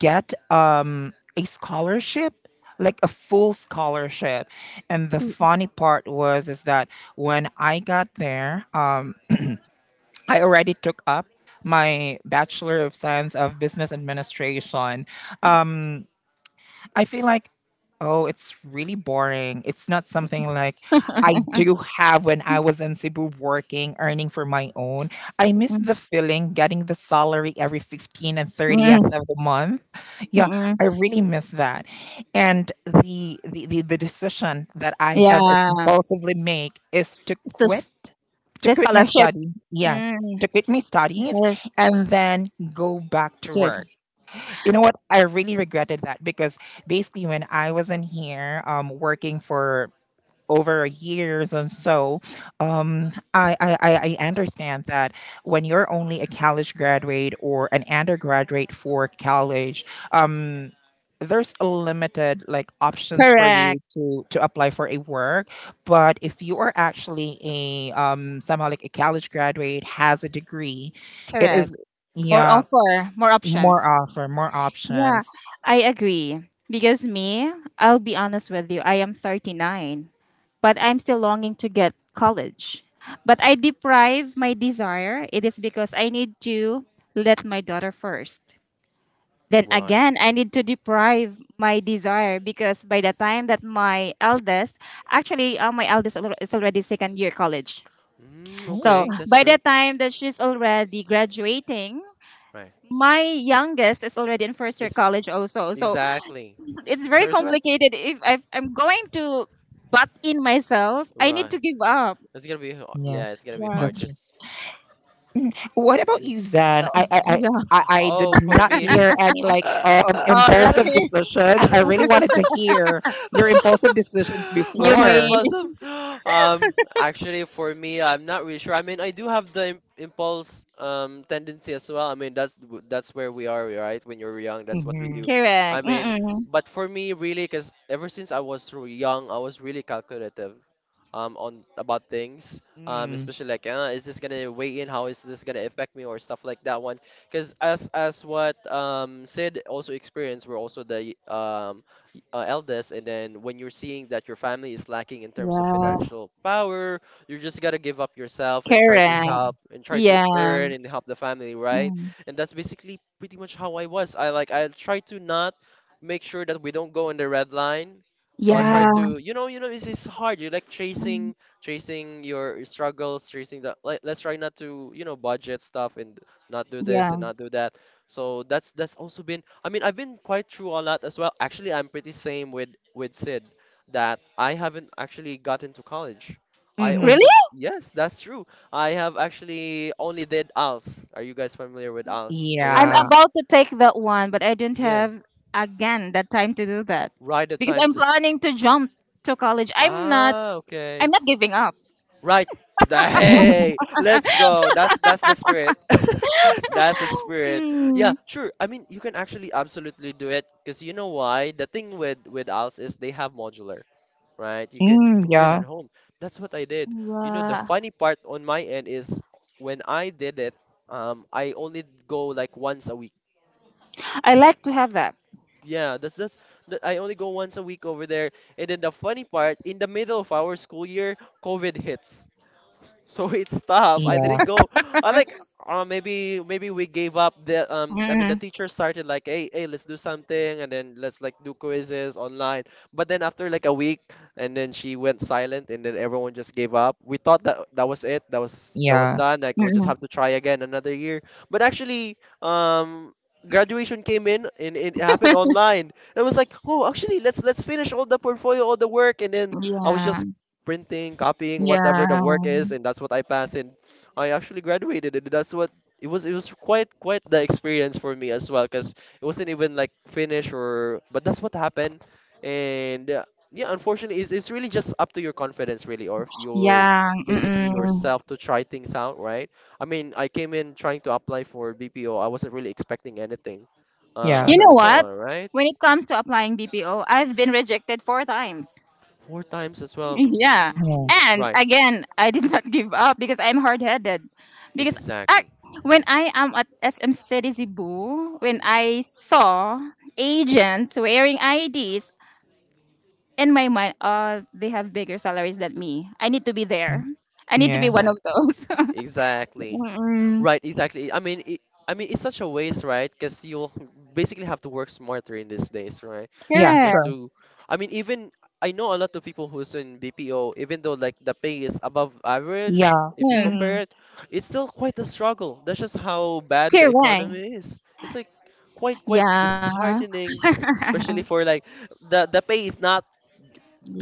Speaker 2: get a scholarship, like a full scholarship. And the funny part was is that when I got there, I already took up my Bachelor of Science of Business Administration. I feel like, oh, it's really boring. It's not something like I do have when I was in Cebu working, earning for my own. I miss
Speaker 3: Mm.
Speaker 2: the feeling getting the salary every 15th and 30th
Speaker 3: Mm-mm.
Speaker 2: of the month. Yeah,
Speaker 3: Mm-mm.
Speaker 2: I really miss that. And the decision that I have
Speaker 3: Yeah.
Speaker 2: impulsively make is
Speaker 3: It's the,
Speaker 2: to
Speaker 3: the
Speaker 2: quit my
Speaker 3: scholarship.
Speaker 2: study. Yeah,
Speaker 3: Mm.
Speaker 2: to quit my studies
Speaker 3: Scholarship.
Speaker 2: and then go back to work. You know what? I really regretted that because basically when I was in here, working for over years and so, I understand that when you're only a college graduate or an undergraduate for college, um, there's a limited like options for you
Speaker 3: Correct.
Speaker 2: to apply for a work. But if you are actually a somehow like a college graduate, has a degree, it
Speaker 3: Correct.
Speaker 2: is,
Speaker 3: More
Speaker 2: yeah,
Speaker 3: offer, more options.
Speaker 2: more offer, more
Speaker 3: Yeah,
Speaker 2: options.
Speaker 3: I agree. Because me, I'll be honest with you, I am 39, but I'm still longing to get college. But I deprive my desire. It is because I need to let my daughter first. Then
Speaker 1: Right.
Speaker 3: again, I need to deprive my desire because by the time that my eldest, actually, my eldest is already second year college.
Speaker 1: Mm,
Speaker 3: So
Speaker 1: okay,
Speaker 2: Oh,
Speaker 1: that's
Speaker 3: by the
Speaker 1: great.
Speaker 3: time that she's already graduating,
Speaker 1: Right.
Speaker 3: my youngest is already in first year
Speaker 1: It's
Speaker 3: college also. So
Speaker 1: exactly.
Speaker 3: it's very
Speaker 1: Sure, it's right.
Speaker 3: complicated. If I've, I'm going to butt in myself, I need
Speaker 1: Right.
Speaker 3: to give up.
Speaker 1: It's gonna be
Speaker 2: yeah,
Speaker 1: yeah, it's gonna be
Speaker 3: Yeah.
Speaker 1: hard
Speaker 2: that's true.
Speaker 1: because
Speaker 2: What
Speaker 1: it
Speaker 2: about you,
Speaker 1: is.
Speaker 2: Zan?
Speaker 3: Oh,
Speaker 2: I, I, I,
Speaker 3: yeah.
Speaker 2: I I did
Speaker 1: Oh, for
Speaker 2: not
Speaker 1: me.
Speaker 2: hear any like
Speaker 3: Oh,
Speaker 2: impulsive
Speaker 3: really?
Speaker 2: decisions. I really wanted to hear your impulsive decisions
Speaker 1: or
Speaker 3: You
Speaker 1: my
Speaker 2: before.
Speaker 3: made.
Speaker 1: impulsive actually for me I'm not really sure. I mean, I do have the impulse tendency as well. I mean that's where we are, right? When you're young, that's what we
Speaker 2: Mm-hmm.
Speaker 1: do. i
Speaker 3: Correct.
Speaker 1: mean
Speaker 3: Mm-mm.
Speaker 1: but for me, really, because ever since I was young, I was really calculative on about things,
Speaker 2: Mm,
Speaker 1: especially like is this gonna weigh in? How is this gonna affect me or stuff like that one? Because as what Sid also experienced, were also the eldest, and then when you're seeing that your family is lacking in terms of
Speaker 3: Yeah.
Speaker 1: financial power, you just gotta give up yourself and try to
Speaker 3: Correct.
Speaker 2: yeah.
Speaker 1: help and try to
Speaker 3: Yeah.
Speaker 1: earn and help the family, right?
Speaker 3: Mm.
Speaker 1: And that's basically pretty much how I was. I try to not make sure that we don't go in the red line. So I try
Speaker 2: Mm-hmm.
Speaker 3: Yeah.
Speaker 1: to, you know, it's hard. You're like
Speaker 3: Mm,
Speaker 1: chasing, chasing your struggles, chasing the. Like, let's try not to, you know, budget stuff and not do this and
Speaker 3: yeah.
Speaker 1: not do that. So that's also been. I mean, I've been quite true on that as well. Actually, I'm pretty same with Sid that I haven't actually gotten to college. I
Speaker 2: Mm-hmm.
Speaker 1: also,
Speaker 3: Really?
Speaker 1: yes, that's true. I have actually only did ALS. Are you guys familiar with ALS?
Speaker 3: I'm
Speaker 1: ALS.
Speaker 2: Yeah.
Speaker 3: about to take that one, but I don't
Speaker 1: Yeah.
Speaker 3: have again that time to do that
Speaker 1: Right, the
Speaker 3: because
Speaker 1: time
Speaker 3: I'm
Speaker 1: to.
Speaker 3: planning to jump to college. I'm not.
Speaker 1: Ah,
Speaker 3: I'm
Speaker 1: okay.
Speaker 3: not giving up.
Speaker 1: Right. Hey, let's go. That's the spirit. That's the spirit. Yeah,
Speaker 3: Mm.
Speaker 1: sure. I mean, you can actually absolutely do it because you know why? The thing with us is they have modular, right? You
Speaker 2: Mm,
Speaker 1: can do it at
Speaker 2: yeah.
Speaker 1: home. That's what I did. You know, the
Speaker 3: Yeah,
Speaker 1: funny part on my end is when I did it, I only go like once a week.
Speaker 3: I like to have that.
Speaker 1: Yeah, I only go once a week over there. And then the funny part, in the middle of our school year, COVID hits. So it's tough. I
Speaker 2: Yeah.
Speaker 1: didn't go. I like maybe we gave up the I mean the
Speaker 3: Mm-mm.
Speaker 1: teacher started like, "Hey, hey, let's do something," and then, "Let's like do quizzes online." But then after like a week, and then she went silent and then everyone just gave up. We thought that that was it. That was
Speaker 2: Yeah.
Speaker 1: done. Like, we just
Speaker 3: Mm-mm.
Speaker 1: have to try again another year. But actually graduation came in and it happened online. It was like, "Oh, actually let's finish all the portfolio, all the work." And then I was
Speaker 3: Yeah,
Speaker 1: just printing, copying, whatever
Speaker 3: yeah,
Speaker 1: the work is, and that's what I passed. And I actually graduated, and that's what it was. It was quite quite the experience for me as well, because it wasn't even like finished or. But that's what happened, and yeah, unfortunately, it's really just up to your confidence, really, or if your
Speaker 3: yeah.
Speaker 1: basically
Speaker 3: Mm-mm.
Speaker 1: yourself to try things out, right? I mean, I came in trying to apply for BPO. I wasn't really expecting anything,
Speaker 2: Yeah.
Speaker 3: You
Speaker 1: as a
Speaker 3: know what?
Speaker 1: result, right?
Speaker 3: When it comes to applying BPO, I've been rejected four times.
Speaker 1: Four times as well.
Speaker 3: Yeah.
Speaker 2: Mm,
Speaker 1: Mm,
Speaker 3: And
Speaker 1: right.
Speaker 3: again, I did not give up because I'm hard headed. Because I,
Speaker 1: Exactly.
Speaker 3: when I am at SM City Cebu, when
Speaker 1: Mm,
Speaker 3: I saw agents wearing IDs, in my mind, oh, they have bigger salaries than me. I need to be
Speaker 2: mm,
Speaker 3: there. I need to be
Speaker 2: yeah.
Speaker 3: one of
Speaker 1: exactly.
Speaker 3: those.
Speaker 1: Exactly.
Speaker 3: Mm,
Speaker 1: Right, exactly. I mean, it's such a waste, right? Because you'll basically have to work smarter in these days, right?
Speaker 2: Yeah.
Speaker 3: correct.
Speaker 1: Just
Speaker 2: True.
Speaker 1: to, I mean, even I know a lot of people who's in BPO, even though like the pay is above average,
Speaker 2: Yeah.
Speaker 1: if you
Speaker 3: Mm,
Speaker 2: Mm-hmm.
Speaker 1: compare it, it's still quite a struggle. That's just how bad the
Speaker 3: correct.
Speaker 1: economy is. It's like quite quite
Speaker 3: Yeah.
Speaker 1: disheartening, especially for like the pay is not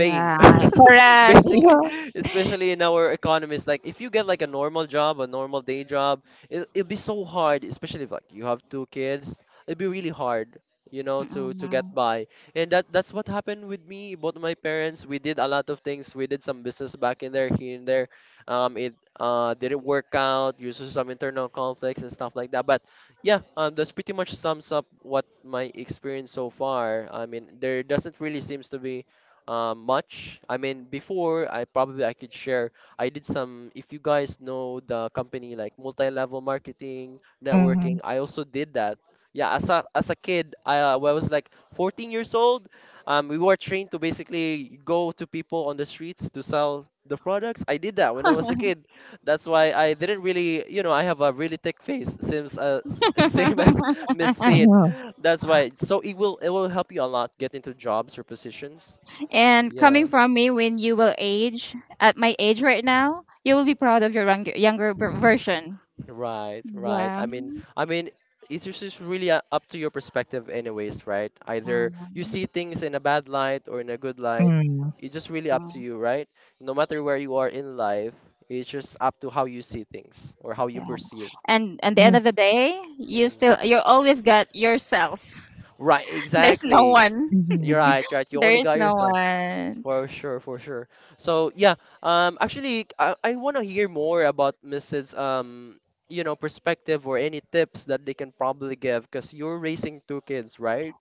Speaker 1: paying
Speaker 3: Correct.
Speaker 1: basically,
Speaker 2: Yeah.
Speaker 1: especially in our economies. Like if you get like a normal job, a normal day job, it it'd be so hard, especially if like you have two kids. It'd be really hard, you know, to get by. And that's what happened with me, both my parents. We did a lot of things. We did some business back in there, here and there. It didn't work out. Due to some internal conflicts and stuff like that. But yeah, that's pretty much sums up what my experience so far. I mean, there doesn't really seems to be much. I mean, before, I probably I could share. I did some, if you guys know the company like multi-level marketing,
Speaker 2: Mm-hmm.
Speaker 1: networking, I also did that. Yeah, as a kid, when I was like 14 years old, we were trained to basically go to people on the streets to sell the products. I did that when I was a kid. That's why I didn't really, you know, I have a really thick face, seems same as Miss Sid. That's why. So it will help you a lot get into jobs or positions.
Speaker 3: And coming
Speaker 1: Yeah.
Speaker 3: from me, when you will age, at my age right now, you will be proud of your younger, younger version.
Speaker 1: Right, right.
Speaker 3: Yeah.
Speaker 1: I mean, it's just it's really up to your perspective anyways, right? Either
Speaker 3: Mm,
Speaker 1: you see things in a bad light or in a good
Speaker 2: Yeah.
Speaker 1: light.
Speaker 2: Mm,
Speaker 1: It's just really up to you, right? No matter where you are in life, it's just up to how you see things or how you
Speaker 3: yeah.
Speaker 1: perceive.
Speaker 3: And at the end
Speaker 2: yeah.
Speaker 3: of the day,
Speaker 1: Mm.
Speaker 3: you always got yourself.
Speaker 1: Right,
Speaker 3: There's no
Speaker 1: exactly.
Speaker 3: one.
Speaker 1: You're
Speaker 2: Mm-hmm.
Speaker 1: right, right. You
Speaker 3: There
Speaker 1: only
Speaker 3: is
Speaker 1: got
Speaker 3: no
Speaker 1: yourself.
Speaker 3: one.
Speaker 1: For sure, for sure. So yeah, actually, I want to hear more about Mrs. You know, perspective or any tips that they can probably give because you're raising two kids, right?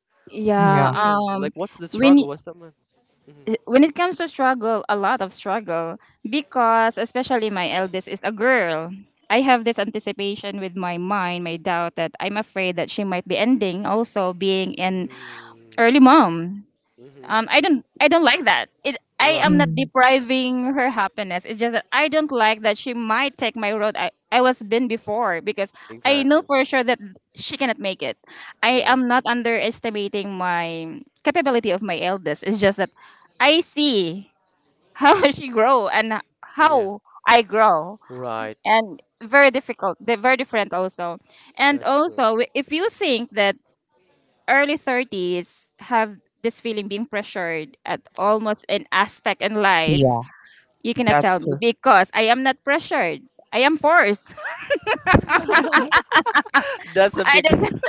Speaker 2: Yeah.
Speaker 3: Yeah.
Speaker 1: Yeah. Like, what's the
Speaker 3: When
Speaker 1: struggle? What's the man?
Speaker 3: when it comes to struggle, a lot of struggle because especially my eldest is a girl. I have this anticipation with my mind, my doubt that I'm afraid that she might be ending also being in early
Speaker 1: Mm-hmm.
Speaker 3: mom.
Speaker 1: Mm-hmm.
Speaker 3: I don't like that. It I am
Speaker 1: Right.
Speaker 3: not
Speaker 2: Mm.
Speaker 3: depriving her happiness. It's just that I don't like that she might take my road I was been before because I know
Speaker 1: Exactly.
Speaker 3: for sure that she cannot make it. I
Speaker 1: Right.
Speaker 3: am not underestimating my capability of my eldest. It's just that I see how she grow and
Speaker 1: Yeah.
Speaker 3: how I grow
Speaker 1: Right.
Speaker 3: and very difficult they're very different also, and
Speaker 1: That's true.
Speaker 3: also if you think that early 30s have this feeling being pressured at almost an aspect in life,
Speaker 2: Yeah.
Speaker 3: you cannot
Speaker 2: That's
Speaker 3: tell me
Speaker 2: true.
Speaker 3: because I am not pressured, I am forced.
Speaker 1: That's a
Speaker 3: I
Speaker 1: big.
Speaker 3: don't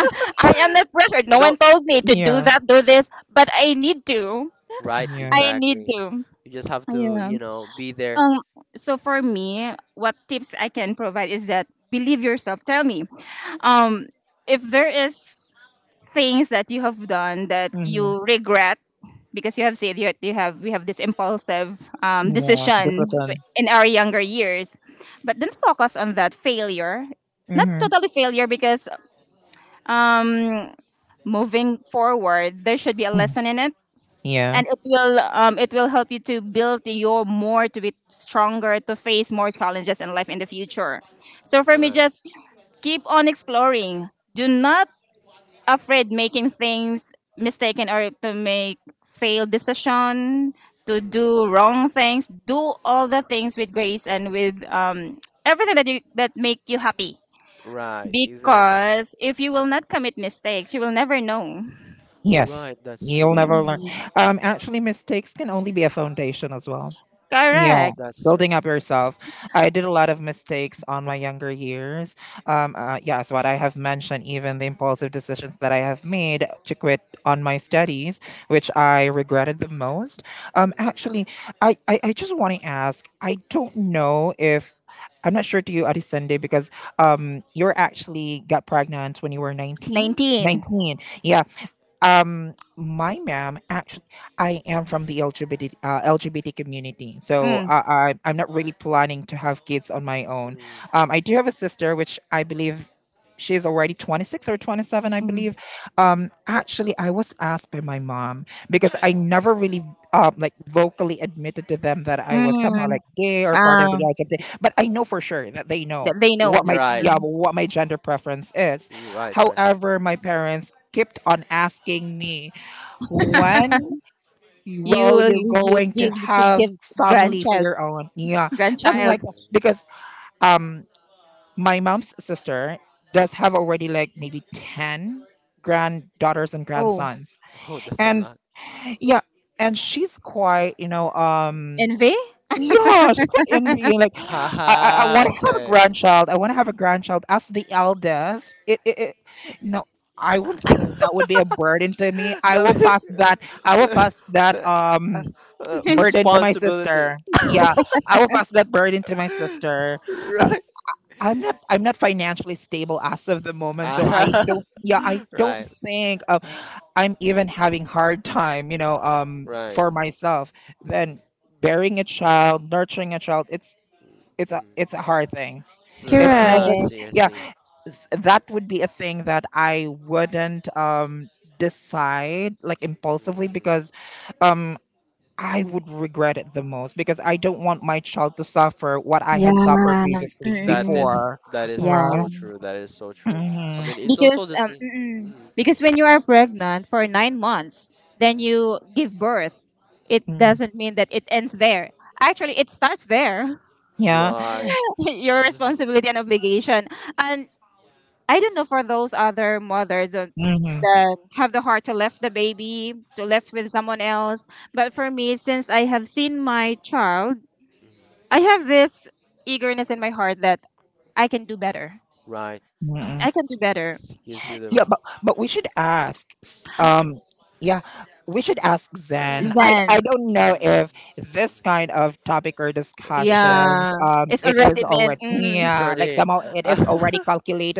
Speaker 3: I am not pressured, no
Speaker 1: No.
Speaker 3: one told me to do
Speaker 2: yeah,
Speaker 3: that do this but I need to.
Speaker 1: Right.
Speaker 2: yeah,
Speaker 3: I need
Speaker 1: Exactly.
Speaker 3: to.
Speaker 1: You just have to,
Speaker 3: Yeah.
Speaker 1: you know, be there.
Speaker 3: um so for me what tips I can provide is that believe yourself, tell me. um if there is things that you have done that
Speaker 2: mm-hmm.
Speaker 3: you regret, because you have said you, you have we have this impulsive
Speaker 2: yeah.
Speaker 3: decision
Speaker 2: Discipline.
Speaker 3: in our younger years, but then focus on that failure, not
Speaker 2: Mm-hmm.
Speaker 3: totally failure because, um, moving forward there should be a lesson in it
Speaker 2: Yeah.
Speaker 3: and it
Speaker 1: Mm, mm.
Speaker 3: will, it will help you to build your more to be stronger to face more challenges in life in the future. So for me,
Speaker 1: Right.
Speaker 3: just keep on exploring, do not afraid making things mistaken or to make failed decision, to do
Speaker 1: Mm.
Speaker 3: wrong things, do all the things with grace and with, everything that you that make you happy,
Speaker 1: Right. Exactly.
Speaker 3: because if you will not commit mistakes you will never know.
Speaker 2: Yes.
Speaker 1: Right, that's
Speaker 2: You'll
Speaker 1: true.
Speaker 2: never learn.
Speaker 3: Mm.
Speaker 2: Actually, mistakes can only be a foundation as well. Yeah,
Speaker 3: Correct.
Speaker 1: That's true.
Speaker 2: building up yourself. I did a lot of mistakes on my younger years. Yes, what I have mentioned, even the impulsive decisions that I have made to quit on my studies, which I regretted the most.
Speaker 1: Mm,
Speaker 2: Actually, I just want to ask I don't know if. I'm not sure to you, Adisende, because you're actually got pregnant when you were 19.
Speaker 3: 19
Speaker 2: 19. Yeah, my ma'am actually I am from the LGBT LGBT community, so
Speaker 3: mm.
Speaker 2: I'm not really planning to have kids on my own.
Speaker 1: mm,
Speaker 2: I do have a sister which I believe she is already 26 or 27, I
Speaker 3: Mm.
Speaker 2: believe.
Speaker 1: mm.
Speaker 2: Actually, I was asked by my mom because I never really like vocally admitted to them that I was somehow
Speaker 3: Mm.
Speaker 2: like gay or part of the
Speaker 3: Ah,
Speaker 2: LGBT, but I know for sure that they
Speaker 3: that
Speaker 2: know
Speaker 3: they
Speaker 2: what
Speaker 3: know.
Speaker 2: my
Speaker 1: You're right.
Speaker 2: yeah
Speaker 3: Mm.
Speaker 2: what my gender preference is.
Speaker 1: Right, right.
Speaker 2: However, my parents kept on asking me, when
Speaker 3: you
Speaker 2: will you
Speaker 3: you you
Speaker 2: going to
Speaker 3: give to
Speaker 2: have
Speaker 3: give
Speaker 2: family for
Speaker 3: grandchild.
Speaker 2: your own? Yeah, something
Speaker 3: Grandchild.
Speaker 2: like that.
Speaker 1: Mm.
Speaker 2: Because um, my mom's sister does have already like maybe 10 granddaughters and
Speaker 3: Oh.
Speaker 2: grandsons.
Speaker 1: Oh, that's a
Speaker 2: And
Speaker 1: lot.
Speaker 2: yeah, and she's quite, you know,
Speaker 3: Envy.
Speaker 2: yeah, she's quite envying. Like, I
Speaker 1: Haha,
Speaker 2: want to have a
Speaker 1: okay.
Speaker 2: grandchild. I want to have a grandchild as the eldest. No, I wouldn't think that would be a burden to me. I
Speaker 1: No,
Speaker 2: will pass that. I will pass that burden to my
Speaker 1: responsibility.
Speaker 2: sister. Yeah, I will pass that burden to my sister.
Speaker 1: Right.
Speaker 2: I'm not financially stable as of the moment, so I
Speaker 1: Ah,
Speaker 2: don't yeah, I don't
Speaker 1: right,
Speaker 2: think I'm even having hard time, you know,
Speaker 1: right.
Speaker 2: for myself.
Speaker 1: Mhm,
Speaker 2: Then bearing a child, nurturing a child,
Speaker 1: mm.
Speaker 2: it's a hard thing.
Speaker 1: So,
Speaker 2: It's not
Speaker 1: ah, I
Speaker 2: just
Speaker 3: Correct.
Speaker 1: see, I
Speaker 2: yeah,
Speaker 1: see.
Speaker 2: that would be a thing that I wouldn't decide like impulsively
Speaker 1: Mm.
Speaker 2: because um I would regret it the most because I don't want my child to suffer what I
Speaker 3: Yeah.
Speaker 2: had suffered previously
Speaker 3: Mm-mm.
Speaker 2: before,
Speaker 1: That is
Speaker 3: Yeah.
Speaker 1: so
Speaker 2: right?
Speaker 1: true. That is so true. I
Speaker 2: Mhm,
Speaker 1: mean, it's also
Speaker 3: Because
Speaker 1: the same.
Speaker 3: mm-mm.
Speaker 1: Mm,
Speaker 3: Because when you are pregnant for 9 months, then
Speaker 1: mm,
Speaker 3: you give birth. It
Speaker 2: mm,
Speaker 3: doesn't mean that it ends there. Actually, it starts there.
Speaker 2: yeah.
Speaker 1: right.
Speaker 3: Your
Speaker 1: This is.
Speaker 3: responsibility and obligation. And I don't know for those other mothers that
Speaker 2: Mhm,
Speaker 3: have the heart to left the baby, to left with someone else. But for me, since I have seen my child,
Speaker 1: Mhm,
Speaker 3: I have this eagerness in my heart that I can do better.
Speaker 1: right.
Speaker 3: Mm,
Speaker 2: mhm.
Speaker 3: I can do better.
Speaker 1: This gives you the.
Speaker 2: Yeah, but we should ask. Yeah, we should ask Zen. I
Speaker 3: Zen.
Speaker 2: don't know
Speaker 1: Mm,
Speaker 2: if this kind of topic or
Speaker 1: is there?
Speaker 3: Yeah.
Speaker 2: discussions,
Speaker 3: It's
Speaker 2: it is
Speaker 3: already
Speaker 1: Eh,
Speaker 3: been,
Speaker 2: already
Speaker 3: mm,
Speaker 1: it's
Speaker 2: yeah, like
Speaker 1: already.
Speaker 2: somehow it is already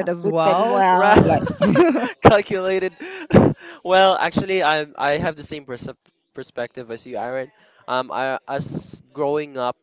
Speaker 3: a
Speaker 2: as
Speaker 3: good type.
Speaker 2: well.
Speaker 3: Well,
Speaker 2: Like,
Speaker 1: Right. Calculated. Well, actually, I have the same perspective as you, Aaron. I, as growing up,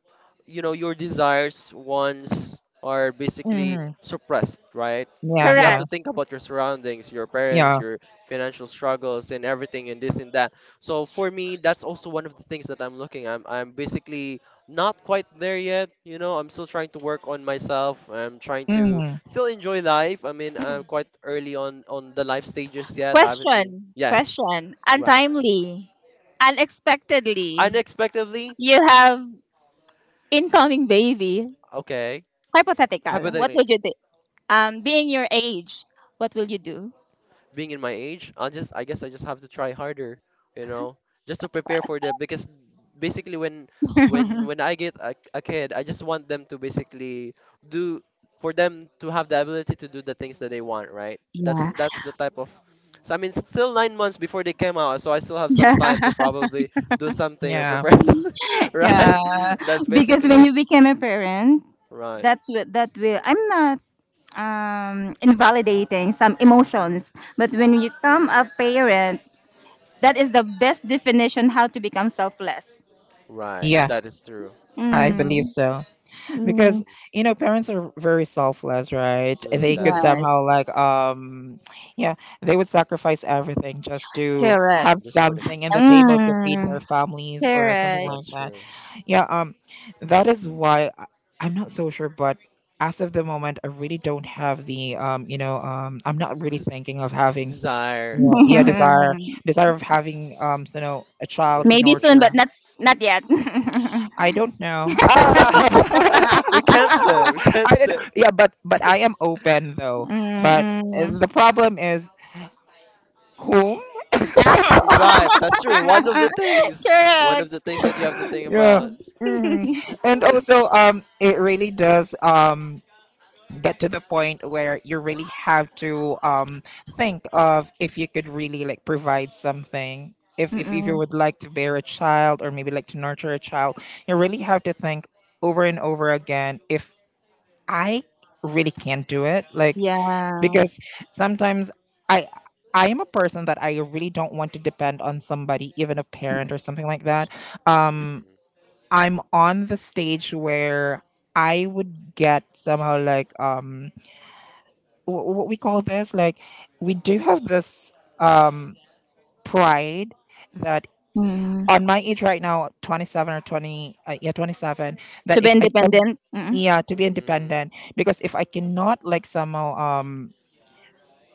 Speaker 1: you know, your desires, wants are basically
Speaker 2: mhm,
Speaker 1: suppressed, right?
Speaker 2: yeah,
Speaker 1: Because you have
Speaker 3: correct.
Speaker 2: yeah,
Speaker 1: to think about your surroundings, your parents,
Speaker 2: yeah,
Speaker 1: your financial struggles, and everything, and this and that. So for me, that's also one of the things that I'm looking. I'm basically not quite there yet. You know, I'm still trying to work on myself. I'm trying to
Speaker 2: mhm,
Speaker 1: still enjoy life. I mean, I'm quite early on the life stages yet. I haven't really.
Speaker 3: Question.
Speaker 1: Yes,
Speaker 3: Question.
Speaker 1: right.
Speaker 3: Untimely. Unexpectedly.
Speaker 1: Unexpectedly,
Speaker 3: You have incoming baby.
Speaker 1: okay.
Speaker 3: Hypothetical. What
Speaker 1: Hypothetically,
Speaker 3: would you do? Being your age, what will you do?
Speaker 1: being in my age, I guess I just have to try harder, you know, just to prepare for them. Because basically when I get a kid, I just want them to basically do, for them to have the ability to do the things that they want, right?
Speaker 3: Yeah.
Speaker 1: That's the type of. So I mean it's still 9 months before they came out, so I still have some time to probably do something or
Speaker 2: yeah,
Speaker 1: prepare right?
Speaker 3: Yeah. Yeah.
Speaker 1: That's
Speaker 3: Because when
Speaker 1: basically
Speaker 3: you became a parent,
Speaker 1: right.
Speaker 3: that's what that will, I'm not invalidating some emotions, but
Speaker 1: Mm,
Speaker 3: when you become a parent, that is the best definition how to become selfless.
Speaker 1: right.
Speaker 2: yeah.
Speaker 1: That is true.
Speaker 2: I
Speaker 3: Mm.
Speaker 2: believe so. Because
Speaker 3: Mm.
Speaker 1: Mm,
Speaker 2: you know parents are very selfless, right?
Speaker 1: true,
Speaker 2: They
Speaker 1: that
Speaker 2: could
Speaker 1: is
Speaker 3: Yes.
Speaker 1: true.
Speaker 2: somehow like yeah they would sacrifice everything just to
Speaker 3: Correct.
Speaker 2: have
Speaker 1: Just for the kid.
Speaker 2: something in the table to feed their
Speaker 3: Mm.
Speaker 2: families or something
Speaker 3: Correct.
Speaker 1: That's
Speaker 2: like that.
Speaker 1: true.
Speaker 2: Yeah, that is why I'm not so sure, but as of the moment I really don't have the you know I'm not really
Speaker 1: des-
Speaker 2: thinking of having
Speaker 1: Desire
Speaker 2: yeah,
Speaker 1: to
Speaker 2: yeah
Speaker 1: have.
Speaker 2: desire, desire of having so, you know, a child to
Speaker 3: Maybe
Speaker 1: Nurturing.
Speaker 3: soon, but
Speaker 2: nurture.
Speaker 3: not yet.
Speaker 2: I don't know, ah!
Speaker 1: We can't say. We
Speaker 2: I
Speaker 1: can't
Speaker 2: don't
Speaker 1: say.
Speaker 2: know. Yeah, but I am open though. But
Speaker 3: Mm-mm.
Speaker 2: the problem is whom?
Speaker 1: Right, that's true. One of
Speaker 3: Correct.
Speaker 1: the things that you have to think
Speaker 2: Yeah.
Speaker 1: about,
Speaker 2: Hmm.
Speaker 1: it's just.
Speaker 2: And also, it really does get to the point where you really have to think of if you could really like provide something. If, if you
Speaker 3: Mm-mm.
Speaker 2: would like to bear a child or maybe like to nurture a child, you really have to think over and over again if I really can't do it. Like
Speaker 3: Yeah.
Speaker 2: because sometimes I I am a person that I really don't want to depend on somebody, even a parent or something like that. Um, I'm on the stage where I would get somehow like what we call this like we do have this pride that
Speaker 3: Mm.
Speaker 2: on my age right now 27 that
Speaker 3: To be
Speaker 2: if I can
Speaker 3: independent. Mm-mm.
Speaker 2: yeah to be
Speaker 1: Mm, mm,
Speaker 2: independent, because if I cannot like somehow um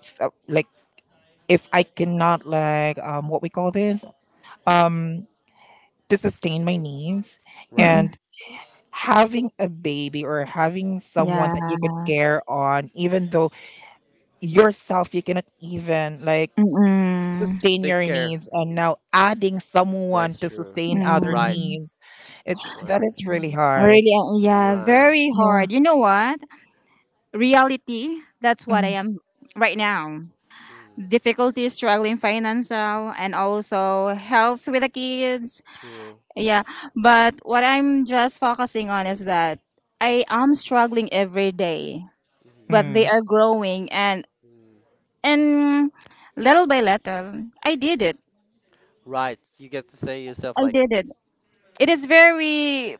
Speaker 2: f- uh, like if I cannot like what we call this um to sustain my needs
Speaker 1: right.
Speaker 3: Mm-mm.
Speaker 2: and having a baby or having someone
Speaker 3: Yeah.
Speaker 2: that you could care on, even though yourself you cannot even like
Speaker 3: Mm-mm.
Speaker 2: sustain
Speaker 1: Take
Speaker 2: your
Speaker 1: care.
Speaker 2: needs and
Speaker 1: Mm,
Speaker 2: now adding someone
Speaker 1: that's
Speaker 2: to
Speaker 1: true.
Speaker 2: sustain other
Speaker 1: Right,
Speaker 3: Mm.
Speaker 2: needs, it's that
Speaker 1: right,
Speaker 2: is really
Speaker 3: Really,
Speaker 2: hard.
Speaker 3: yeah,
Speaker 1: right.
Speaker 3: very
Speaker 2: Yeah.
Speaker 3: hard. You know what? Reality, that's what I
Speaker 2: Mm.
Speaker 3: am right now.
Speaker 1: Mm,
Speaker 3: Difficulties struggling financial and also health with the kids,
Speaker 1: true.
Speaker 3: yeah, but what I'm just focusing on is that I am struggling every day
Speaker 1: Mhm,
Speaker 3: but they
Speaker 2: Mm.
Speaker 3: are growing, and
Speaker 1: mm.
Speaker 3: and little by little I did it.
Speaker 1: Right, you get to say yourself
Speaker 3: I
Speaker 1: like
Speaker 3: did it. It is very,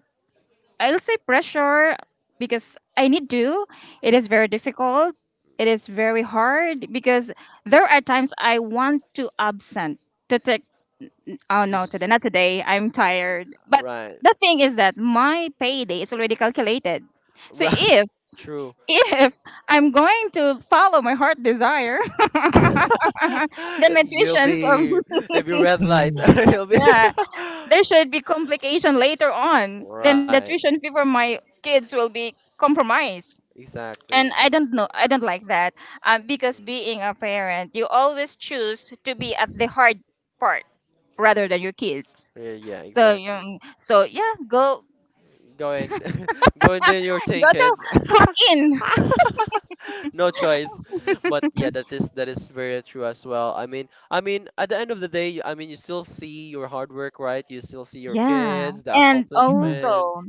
Speaker 3: I'll say pressure because I need to. It is very difficult, it is very hard because there are times I want to absent, to take. Oh no, today,
Speaker 1: just
Speaker 3: not today. I'm tired. But
Speaker 1: right,
Speaker 3: the thing is that my payday is already calculated. So
Speaker 1: right.
Speaker 3: if
Speaker 1: True.
Speaker 3: if I'm going to follow my heart desire, then my
Speaker 1: You'll
Speaker 3: tuitions of
Speaker 1: be it'll be red light.
Speaker 2: Mm.
Speaker 1: You'll be
Speaker 3: yeah, there should be complication later on. Then the
Speaker 1: right.
Speaker 3: tuition fee for my kids will be compromised.
Speaker 1: Exactly.
Speaker 3: And I don't know, I don't like that. Because
Speaker 1: Mm,
Speaker 3: being a parent, you always choose to be at the hard part rather
Speaker 1: mm.
Speaker 3: than your kids.
Speaker 1: Yeah, yeah,
Speaker 3: So
Speaker 1: exactly.
Speaker 3: so yeah, go
Speaker 1: Go and go and do your thing,
Speaker 3: to
Speaker 1: kids.
Speaker 3: clock in.
Speaker 1: No choice. But yeah, that is very true as well. I mean, at the end of the day, I mean, you still see your hard work, right? You still see your
Speaker 3: Yeah,
Speaker 1: kids, the
Speaker 3: and
Speaker 2: Mm.
Speaker 1: accomplishment.
Speaker 3: also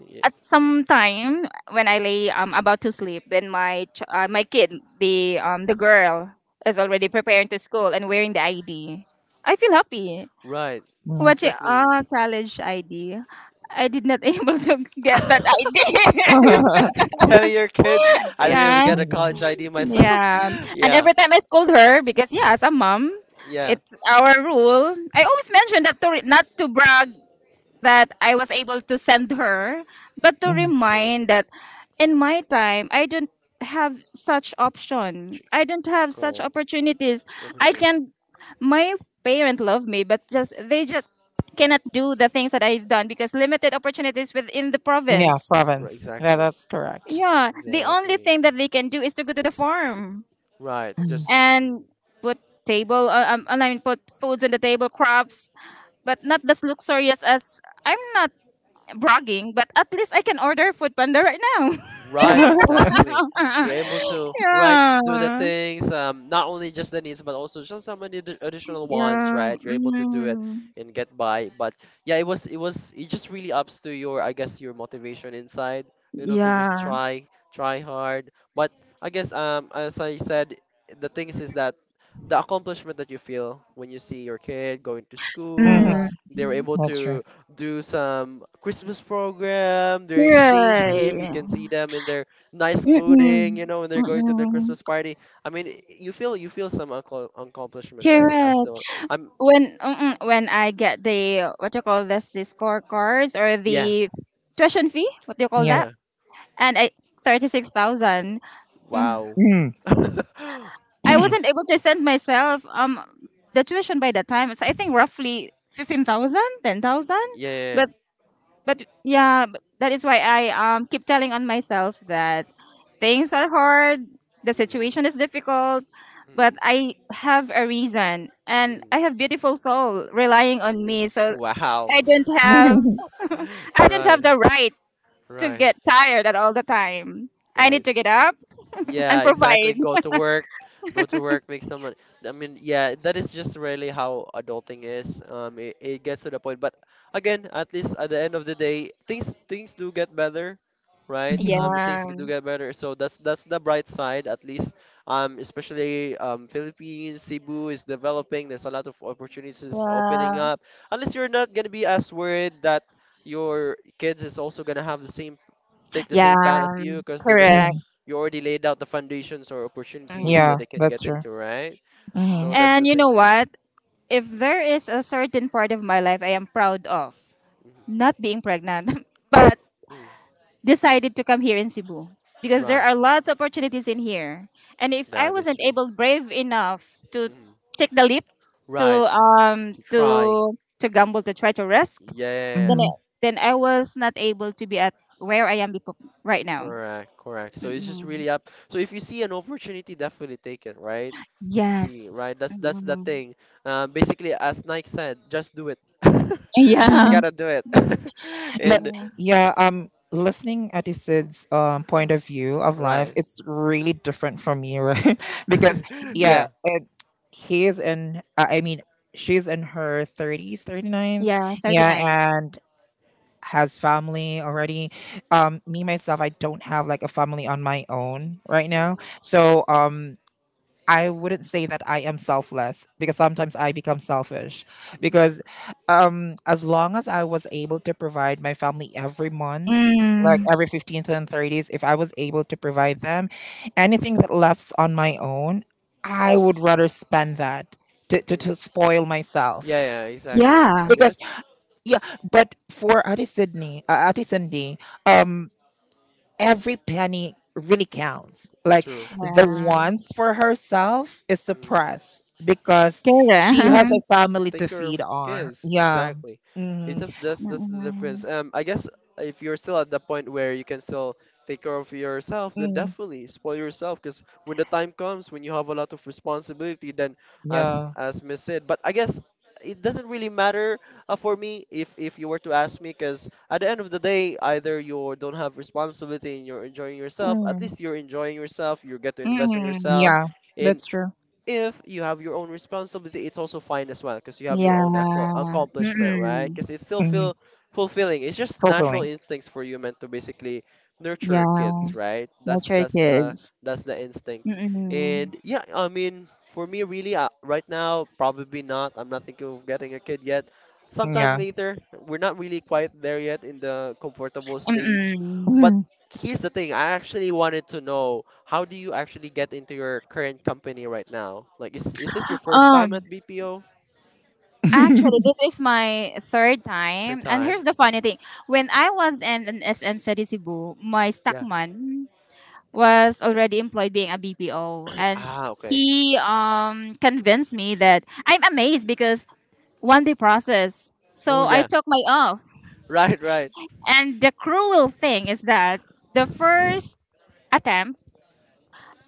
Speaker 1: Yeah,
Speaker 3: at some time when I lay about to sleep, then my kid, the girl, is already preparing to school and wearing the ID. I feel happy.
Speaker 1: right.
Speaker 2: Mm.
Speaker 3: Watching ah
Speaker 1: Exactly.
Speaker 3: college ID, I did not able to get that ID.
Speaker 1: Mm. Telling your kids, I didn't even
Speaker 3: Yeah,
Speaker 1: get a college
Speaker 2: Mm.
Speaker 1: ID myself.
Speaker 3: yeah. And
Speaker 1: Yeah,
Speaker 3: every time I scold her, because yeah, as a mom,
Speaker 1: yeah,
Speaker 3: it's our rule. I always mention that to not to brag that I was able to send her, but to
Speaker 2: Mm.
Speaker 1: true,
Speaker 3: remind that in my time, I don't have such option.
Speaker 1: tr-
Speaker 3: I don't have such
Speaker 1: correct.
Speaker 3: opportunities. I
Speaker 1: Opportunities,
Speaker 3: can, my parent love me, but just, they just cannot do the things that I've done because limited opportunities within the
Speaker 2: Yeah,
Speaker 3: province.
Speaker 1: right?
Speaker 2: province, yeah,
Speaker 1: Exactly,
Speaker 2: that's correct.
Speaker 3: Yeah, the only
Speaker 1: exactly.
Speaker 3: thing that they can do is to go to the farm
Speaker 1: Right, just
Speaker 3: and put table and I mean put foods on the table crops, but not as luxurious as, I'm not bragging, but at least I can order food panda right now.
Speaker 1: Right,
Speaker 2: Mm.
Speaker 1: exactly. You're able to, right, do the
Speaker 3: Yeah,
Speaker 1: things, not only just the needs, but also just some of the additional ones,
Speaker 3: yeah.
Speaker 1: right? You're able to do it
Speaker 3: Mm.
Speaker 1: and get by. But yeah, it just really ups to your, I guess, your motivation inside, you know, to just
Speaker 3: Yeah.
Speaker 1: try, try hard. But I guess as I said, the things is that the accomplishment that you feel when you see your kid going to
Speaker 2: hmm.
Speaker 1: school,
Speaker 3: Mm.
Speaker 1: they were able
Speaker 2: That's true.
Speaker 1: to do some Christmas program, their exchange gift. You
Speaker 3: Correct.
Speaker 1: can see them in their nice
Speaker 3: Mm-mm.
Speaker 1: clothing, you know, when they're going to the
Speaker 3: Mm-mm.
Speaker 1: Christmas party. I mean, you feel some accomplishment, right? As though
Speaker 3: Correct.
Speaker 1: I'm,
Speaker 3: When mm-mm, when I get the what you call this the scorecards or
Speaker 1: yeah,
Speaker 3: the tuition fee, what do you call
Speaker 2: Yeah.
Speaker 1: yeah.
Speaker 3: that? And I 36,000. Mm-hmm.
Speaker 1: Wow.
Speaker 2: Mm.
Speaker 3: I wasn't able to send myself the tuition by that time. So I think roughly 15,000, 10,000.
Speaker 1: Yeah.
Speaker 3: But but yeah, but that is why I keep telling on myself that things are hard, the
Speaker 1: Mm,
Speaker 3: situation is difficult,
Speaker 1: mm,
Speaker 3: but I have a reason and
Speaker 1: mm,
Speaker 3: I have beautiful soul relying on
Speaker 1: mm.
Speaker 3: me. So
Speaker 1: Wow.
Speaker 3: I don't have, I don't
Speaker 1: Right,
Speaker 3: have the right to
Speaker 1: right,
Speaker 3: get tired at all the time. I need
Speaker 1: right.
Speaker 3: to get up and
Speaker 1: Yeah, exactly.
Speaker 3: provide.
Speaker 1: Go to work, make some money. I mean, yeah, that is just really how adulting is. It gets to the point, but again, at least at the end of the day, things do get better, right?
Speaker 2: hmm
Speaker 3: Yeah.
Speaker 1: Things do get better. So that's the bright side, at least. Especially Philippines, Cebu is developing. There's a lot of opportunities opening
Speaker 3: Yeah.
Speaker 1: up. Unless you're not gonna be as worried that your kids is also gonna have the same take the
Speaker 3: Yeah.
Speaker 1: same path as you because they're gonna
Speaker 3: Correct.
Speaker 2: hmm.
Speaker 1: you already laid out the foundations or opportunities
Speaker 3: Mm.
Speaker 1: that
Speaker 2: Yeah,
Speaker 1: they can
Speaker 2: that's
Speaker 1: get
Speaker 2: true.
Speaker 1: into, right?
Speaker 2: Hmm
Speaker 1: So that's
Speaker 3: And
Speaker 1: the
Speaker 3: you
Speaker 1: thing.
Speaker 3: know what? If there is a certain part of my life I am proud of,
Speaker 1: Hmm.
Speaker 3: not being pregnant, but
Speaker 1: Mm.
Speaker 3: decided to come here in Cebu because there
Speaker 1: Right,
Speaker 3: are lots of opportunities in here. And if I
Speaker 1: that is
Speaker 3: wasn't
Speaker 1: true.
Speaker 3: able brave enough to
Speaker 1: Hmm.
Speaker 3: take the leap
Speaker 1: Right,
Speaker 3: to
Speaker 1: to try.
Speaker 3: to gamble to try to risk,
Speaker 1: Yeah, yeah, yeah,
Speaker 3: then
Speaker 1: yeah.
Speaker 2: hmm
Speaker 3: I, then I was not able to be at where I am right now.
Speaker 1: Correct, correct. So it's just
Speaker 3: Mm-mm.
Speaker 1: really up. So if you see an opportunity, definitely take it, right? You see,
Speaker 3: Yes.
Speaker 1: right? That's the
Speaker 3: Mm-mm.
Speaker 1: thing. Basically, as Nike said, just do it. You just
Speaker 3: Yeah.
Speaker 2: hmm.
Speaker 1: gotta do it.
Speaker 2: But
Speaker 1: And
Speaker 3: Mm-mm.
Speaker 2: yeah, listening at Isid's point of view of life,
Speaker 1: right,
Speaker 2: it's really different from you, right? Because yeah,
Speaker 1: yeah.
Speaker 2: he is in. I mean, she's in her thirties, 30 nines.
Speaker 3: Yeah,
Speaker 2: Yeah,
Speaker 3: 39.
Speaker 1: Mm-hmm.
Speaker 2: and has family already. Me myself, I don't have like a family on my own right now.
Speaker 1: Mm-hmm.
Speaker 2: So I wouldn't say that I am selfless because sometimes I become selfish.
Speaker 1: Mm-hmm.
Speaker 2: Because as long as I was able to provide my family every month, like
Speaker 3: Mm,
Speaker 1: Mm,
Speaker 2: every 15th and 30th, if I was able to provide them anything that left on my own, I would
Speaker 1: mhm,
Speaker 2: rather spend that
Speaker 1: mm.
Speaker 2: to spoil myself.
Speaker 1: Yeah, yeah, exactly. I
Speaker 3: yeah.
Speaker 1: mean,
Speaker 2: Because,
Speaker 1: that's
Speaker 2: yeah, but for Adi Sydney, Adi Cindy, um, every penny really counts. Like
Speaker 1: true.
Speaker 2: the
Speaker 1: That's
Speaker 3: Yeah.
Speaker 1: true.
Speaker 2: wants for herself is
Speaker 1: Mm.
Speaker 2: suppressed because she
Speaker 1: She has
Speaker 2: has
Speaker 1: to
Speaker 2: a
Speaker 3: Correct.
Speaker 2: family
Speaker 1: take
Speaker 2: to
Speaker 1: care
Speaker 2: feed
Speaker 1: of
Speaker 2: on.
Speaker 1: kids.
Speaker 2: Yeah.
Speaker 1: Exactly. It's
Speaker 2: Hmm
Speaker 1: just that's the
Speaker 3: Mm-mm.
Speaker 1: difference. I guess if you're still at the point where you can still take care of yourself, then
Speaker 2: hmm.
Speaker 1: definitely spoil yourself. Because when the time comes, when you have a lot of responsibility, then as
Speaker 2: Yeah.
Speaker 1: as Miss said, but I guess it doesn't really matter for me if you were to ask me. Because at the end of the day, either you don't have responsibility and you're enjoying yourself. At
Speaker 2: Mhm.
Speaker 1: least you're enjoying yourself. You get to invest on yourself.
Speaker 3: Mm-mm.
Speaker 2: Yeah.
Speaker 1: In
Speaker 2: That's true.
Speaker 1: If you have your own responsibility, it's also fine as well because you have your
Speaker 3: Yeah.
Speaker 1: own accomplishment, right?
Speaker 3: Mm-mm.
Speaker 1: Because it still
Speaker 2: Hmm.
Speaker 1: feel fulfilling. It's just natural
Speaker 2: Fulfilling.
Speaker 1: instincts for human to basically nurture
Speaker 3: Yeah.
Speaker 1: kids, right? That's
Speaker 3: Nurture
Speaker 1: that's the
Speaker 3: kids.
Speaker 1: that's the instinct.
Speaker 3: Mm-mm.
Speaker 1: And yeah, I mean, for me, really, right now, probably not. I'm not thinking of getting a kid yet.
Speaker 2: Yeah.
Speaker 1: Sometime later, we're not really quite there yet in the comfortable stage.
Speaker 3: Mm-mm.
Speaker 1: But.
Speaker 2: Mhm.
Speaker 1: Here's the thing. I actually wanted to know how do you actually get into your current company right now? Like, is this your first time at
Speaker 3: Um,
Speaker 1: BPO?
Speaker 3: actually, this is my third
Speaker 1: Third
Speaker 3: time. And
Speaker 1: time?
Speaker 3: here's the funny thing. When I was in an SM City Cebu, my
Speaker 1: Yeah.
Speaker 3: stockman
Speaker 1: Mm.
Speaker 3: was already employed being a BPO. And
Speaker 1: Ah, okay.
Speaker 3: he convinced me that I'm amazed because one day process.
Speaker 1: Oh
Speaker 3: So I
Speaker 1: yeah.
Speaker 3: took my off.
Speaker 1: Right, right.
Speaker 3: And the cruel thing is that the first attempt,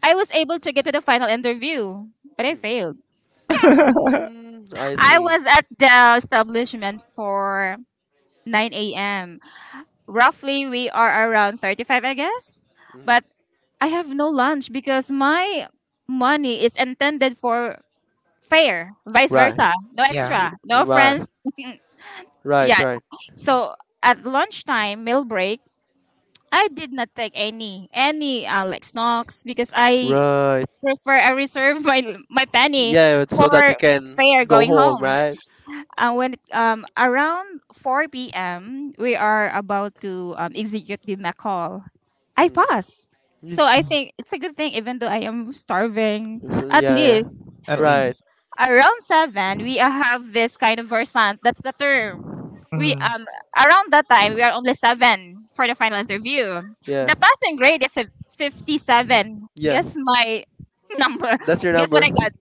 Speaker 3: I was able to get to the final interview, but I failed.
Speaker 1: Mm. Mm, I
Speaker 3: I
Speaker 1: see.
Speaker 3: was at the establishment for 9 a.m. Roughly, we are around 35, I guess.
Speaker 1: Mm.
Speaker 3: But I have no lunch because my money is intended for fare, vice
Speaker 1: Right,
Speaker 3: versa. No
Speaker 2: yeah.
Speaker 3: extra, no
Speaker 1: right,
Speaker 3: friends.
Speaker 1: right,
Speaker 3: Yeah.
Speaker 1: right,
Speaker 3: So at lunchtime, meal break, I did not take any Alex Knox because I
Speaker 1: right.
Speaker 3: prefer I reserve my penny
Speaker 1: Yeah, it's so that you
Speaker 3: for
Speaker 1: can
Speaker 3: fare
Speaker 1: go
Speaker 3: going
Speaker 1: home,
Speaker 3: home.
Speaker 1: right?
Speaker 3: When around 4 p.m. we are about to execute the McCall. I
Speaker 1: Mm.
Speaker 3: pass.
Speaker 1: Yeah.
Speaker 3: So I
Speaker 2: Mm.
Speaker 3: think it's a good thing, even though I am starving.
Speaker 1: So,
Speaker 3: At
Speaker 1: yeah, yeah.
Speaker 3: least
Speaker 2: At
Speaker 1: Right.
Speaker 2: least.
Speaker 3: around seven we have this kind of versant. That's the term. We
Speaker 2: Mm.
Speaker 3: around that time we are only seven for the final interview.
Speaker 1: Yeah,
Speaker 3: The passing grade is a 57.
Speaker 1: yeah.
Speaker 3: Guess my number.
Speaker 1: That's your
Speaker 3: Guess what
Speaker 1: number.
Speaker 3: I got?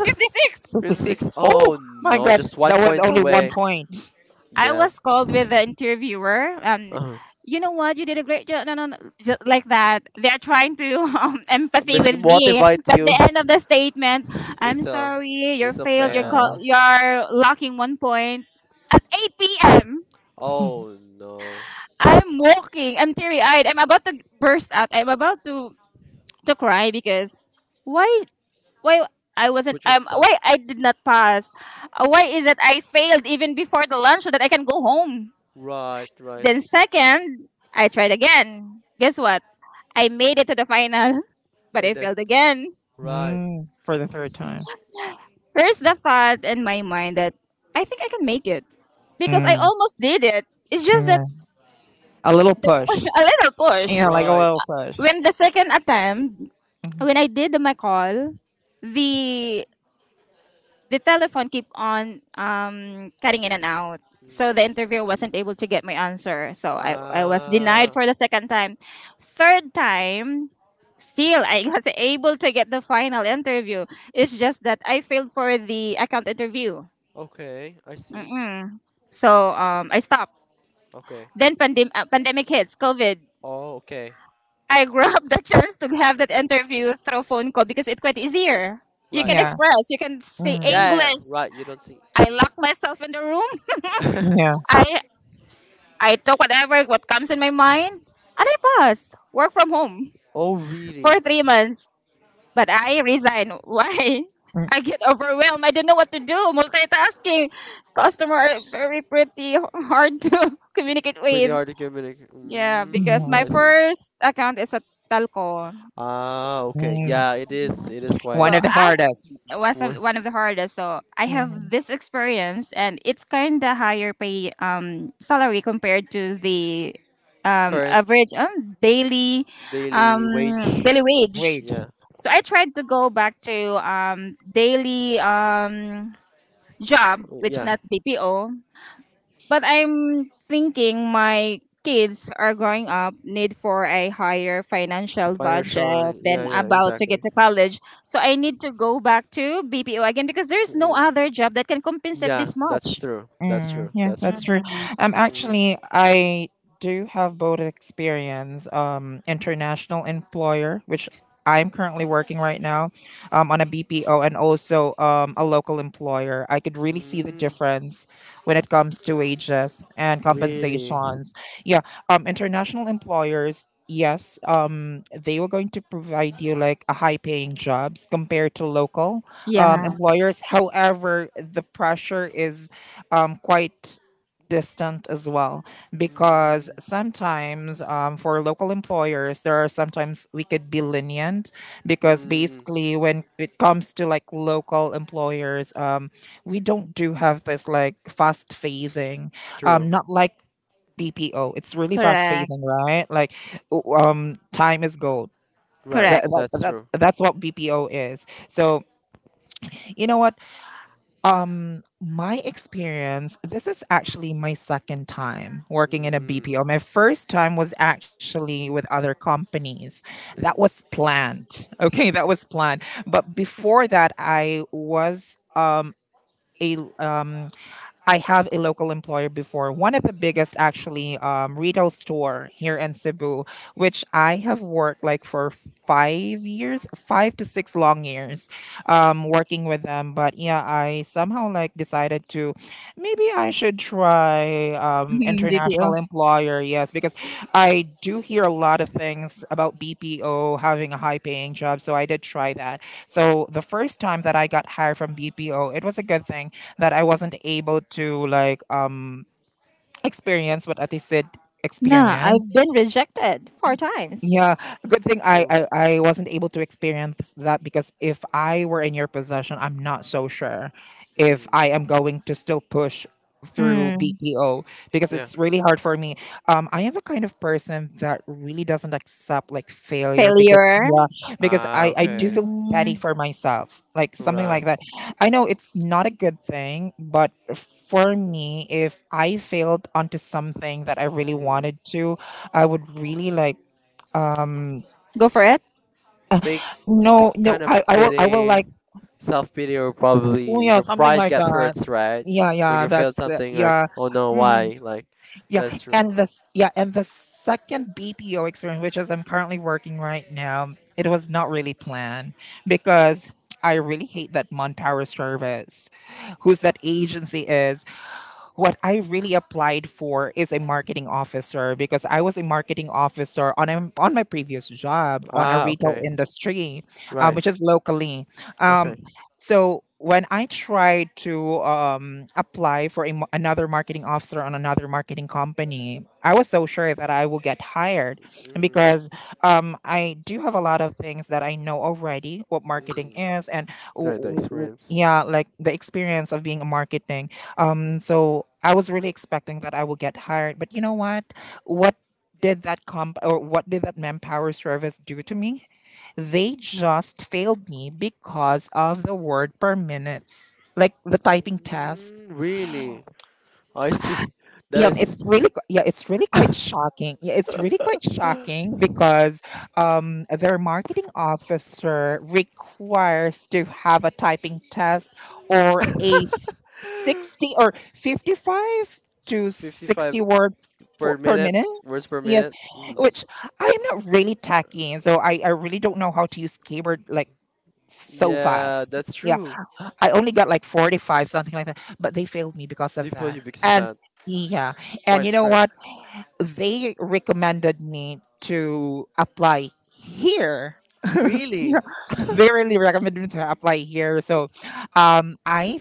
Speaker 3: 56.
Speaker 2: 56.
Speaker 1: Physics. Oh
Speaker 2: Oh my
Speaker 1: no,
Speaker 2: God.
Speaker 1: just one
Speaker 2: That was
Speaker 1: points
Speaker 2: only one
Speaker 1: away.
Speaker 2: point.
Speaker 3: I
Speaker 1: Damn.
Speaker 3: was called with the interviewer.
Speaker 1: Uh-huh.
Speaker 3: You know what? You did a great job. No, no, no. Just like that. They are trying to empathy
Speaker 1: Basically,
Speaker 3: with me.
Speaker 1: motivate
Speaker 3: But the
Speaker 1: you.
Speaker 3: end of the statement, I'm
Speaker 1: It's a,
Speaker 3: sorry, you're
Speaker 1: it's a
Speaker 3: failed. You're
Speaker 2: Uh-uh.
Speaker 3: call-
Speaker 1: fail.
Speaker 3: you're lacking 1 point. 8 p.m.
Speaker 1: Oh no.
Speaker 3: I'm walking. I'm teary eyed. I'm about to burst out. I'm about to cry because why why I wasn't
Speaker 1: Put
Speaker 3: um
Speaker 1: yourself.
Speaker 3: why I did not pass. Why
Speaker 1: Mm.
Speaker 3: is it I failed even before the lunch so that I can go home?
Speaker 1: Right, right,
Speaker 3: Then second, I tried again. Guess what? I made it to the final, but I
Speaker 1: and then
Speaker 3: failed again.
Speaker 1: right.
Speaker 2: Mm. For the
Speaker 1: I
Speaker 2: third
Speaker 1: see.
Speaker 2: time.
Speaker 3: Here's the thought in my mind that I think I can make it because I
Speaker 2: Mm.
Speaker 3: almost did it. It's just that
Speaker 2: Yeah. A little push.
Speaker 3: a little push.
Speaker 2: Yeah, like a
Speaker 1: Right.
Speaker 2: little push.
Speaker 3: When the second attempt,
Speaker 2: Mhm.
Speaker 3: when I did my call, the the telephone keep on cutting in and out. So the
Speaker 1: Mm.
Speaker 3: interviewer wasn't able to get my answer. So I was denied
Speaker 1: Ah,
Speaker 3: for the second time. Third time, still I was able to get the final interview. It's just that I failed for the account interview.
Speaker 1: okay. I see.
Speaker 3: Mm. So I stopped.
Speaker 1: Okay.
Speaker 3: Then pandemic hits, COVID.
Speaker 1: Oh, okay.
Speaker 3: I grabbed the chance to have that interview through phone call because it's quite easier. You
Speaker 1: Right,
Speaker 3: can
Speaker 1: right.
Speaker 2: Yeah.
Speaker 3: express, you can say
Speaker 2: Mm.
Speaker 1: Yeah,
Speaker 3: English.
Speaker 1: right. You don't see.
Speaker 3: I lock myself in the room.
Speaker 1: Mm.
Speaker 2: Yeah.
Speaker 3: I I talk whatever what comes in my mind, and I pass work from home
Speaker 1: Oh,
Speaker 3: for
Speaker 1: really?
Speaker 3: 3 months. But I resign. Why?
Speaker 2: Mm.
Speaker 3: I get overwhelmed. I don't know what to do. Multitasking, customer are very pretty hard to communicate
Speaker 1: Pretty
Speaker 3: with.
Speaker 1: hard to communicate.
Speaker 3: Yeah, because
Speaker 1: Mm,
Speaker 3: my
Speaker 2: Mm.
Speaker 1: I see.
Speaker 3: first account is at Talco.
Speaker 1: Ah, okay.
Speaker 2: Mm.
Speaker 1: Yeah, it is. It is
Speaker 3: So
Speaker 2: One
Speaker 1: quite
Speaker 2: of the hardest.
Speaker 1: w-
Speaker 3: one of the hardest. So I
Speaker 2: Hmm.
Speaker 3: have this experience, and it's kind of higher pay salary compared to the
Speaker 1: current
Speaker 3: average daily
Speaker 1: daily wage.
Speaker 3: wage.
Speaker 1: Yeah,
Speaker 3: So I tried to go back to daily job, which
Speaker 1: yeah.
Speaker 3: not BPO, but I'm thinking my kids are growing up need for a higher financial
Speaker 1: Financial.
Speaker 3: budget than
Speaker 1: Yeah, yeah.
Speaker 3: about to get
Speaker 1: Exactly.
Speaker 3: to college. So I need to go back to BPO again because there's no
Speaker 1: Mm.
Speaker 3: other job that can compensate
Speaker 1: Yeah,
Speaker 3: this
Speaker 1: that's
Speaker 3: much.
Speaker 1: true. That's
Speaker 2: Mm,
Speaker 1: true.
Speaker 2: yeah,
Speaker 1: That's true.
Speaker 2: that's
Speaker 3: Mm.
Speaker 2: true.
Speaker 1: Mm,
Speaker 2: Actually, I do have both experience. International employer, which I'm currently working right now, on a BPO, and also a local employer. I could really see the
Speaker 1: mm,
Speaker 2: difference when it comes to wages and
Speaker 1: really.
Speaker 2: compensations. Yeah, international employers. Yes, they were going to provide you like a high-paying jobs compared to local
Speaker 1: Mm,
Speaker 3: Yeah,
Speaker 2: employers. However, the pressure is quite distant as well because
Speaker 1: mm,
Speaker 2: sometimes for local employers there are sometimes we could be lenient because
Speaker 1: mm,
Speaker 2: basically when it comes to like local employers we don't do have this like fast phasing
Speaker 1: true.
Speaker 2: not like BPO, it's really fast
Speaker 3: correct.
Speaker 2: phasing right like time is gold.
Speaker 1: Right.
Speaker 3: Correct.
Speaker 1: That's
Speaker 2: That's
Speaker 1: true.
Speaker 2: that's what BPO is. So you know what my experience, this is actually my second time working in a
Speaker 1: Mm,
Speaker 2: BPO. My first time was actually with other companies. That was
Speaker 1: mm,
Speaker 2: planned. Okay, that was planned. But before that, I was a I have a local employer before, one of the biggest actually retail store here in Cebu, which I have worked like for 5 years, five to six long years, working with them. But yeah, I somehow like decided to maybe I should try
Speaker 3: Mhm, BPO.
Speaker 2: international employer. Yes, because I do hear a lot of things about BPO having a high paying job, so I did try that. So the first time that I got hired from BPO, it was a good thing that I wasn't able to like experience what Ati said
Speaker 3: Nah,
Speaker 2: experience.
Speaker 3: I've been rejected four times.
Speaker 2: Yeah, good thing
Speaker 1: true.
Speaker 2: I wasn't able to experience that because if I were in your possession, I'm not so sure if
Speaker 1: Mm,
Speaker 2: I am going to still push through
Speaker 3: Mm.
Speaker 2: BPO because
Speaker 1: yeah.
Speaker 2: it's really hard for me. I am the kind of person that really doesn't accept like failure because
Speaker 3: Failure.
Speaker 2: yeah, because
Speaker 1: Ah,
Speaker 2: I do
Speaker 1: okay.
Speaker 2: feel petty
Speaker 3: Mm.
Speaker 2: for myself, like something
Speaker 1: Right.
Speaker 2: like that. I know it's not a good thing, but for me, if I failed onto something that I really
Speaker 1: Mm.
Speaker 2: wanted to, I would really like um
Speaker 3: Go for it.
Speaker 1: They, they
Speaker 2: no no
Speaker 1: kind of
Speaker 2: I I will I will
Speaker 1: pity.
Speaker 2: like
Speaker 1: Self pity or
Speaker 2: oh
Speaker 1: probably
Speaker 2: yeah
Speaker 1: your
Speaker 2: something
Speaker 1: pride
Speaker 2: like
Speaker 1: gets
Speaker 2: that
Speaker 1: hurts, right?
Speaker 2: yeah
Speaker 1: When
Speaker 2: yeah
Speaker 1: you failed
Speaker 2: that's the
Speaker 1: something like,
Speaker 2: yeah
Speaker 1: oh no,
Speaker 2: mhm,
Speaker 1: why? Like,
Speaker 2: yeah.
Speaker 1: that's true.
Speaker 2: And this yeah and the second BPO experience which is I'm currently working right now, it was not really planned because I really hate that manpower service who's that agency is. What I really applied for is a marketing officer because I was a marketing officer on a, on my previous job on a
Speaker 1: Ah,
Speaker 2: retail
Speaker 1: okay,
Speaker 2: industry,
Speaker 1: right,
Speaker 2: which is locally. Um,
Speaker 1: okay.
Speaker 2: so when I tried to apply for a, another marketing officer on another marketing company, I was so sure that I will get hired
Speaker 1: Mm,
Speaker 2: because I do have a lot of things that I know already what
Speaker 1: mm.
Speaker 2: marketing is and
Speaker 1: Right, the experience.
Speaker 2: yeah, like the experience of being a marketing. So I was really expecting that I will get hired, but you know what? What did that comp or what did that manpower service do to me? They just failed me because of the word per minutes. Like the typing test.
Speaker 1: Mm, really? I see. That is
Speaker 2: Yeah, it's really quite shocking. Yeah, it's really quite shocking because their marketing officer requires to have a
Speaker 1: s-
Speaker 2: typing
Speaker 1: s-
Speaker 2: test or a 60 or 55 to
Speaker 1: 55
Speaker 2: 60 word for
Speaker 1: per
Speaker 2: per
Speaker 1: minute,
Speaker 2: minute.
Speaker 1: words per
Speaker 2: Yes,
Speaker 1: minute. Mm.
Speaker 2: which I'm not really techy, so I really don't know how to use keyboard like so
Speaker 1: Yeah,
Speaker 2: fast.
Speaker 1: that's true.
Speaker 2: I only got like 45, something like that. But they failed me because
Speaker 1: They
Speaker 2: of
Speaker 1: feel
Speaker 2: that.
Speaker 1: you because of
Speaker 2: And
Speaker 1: that.
Speaker 2: yeah.
Speaker 1: It's
Speaker 2: And
Speaker 1: quite
Speaker 2: you know
Speaker 1: strict.
Speaker 2: what? They recommended me to apply here.
Speaker 1: Really?
Speaker 2: Yeah, they really recommended me to apply here. So I,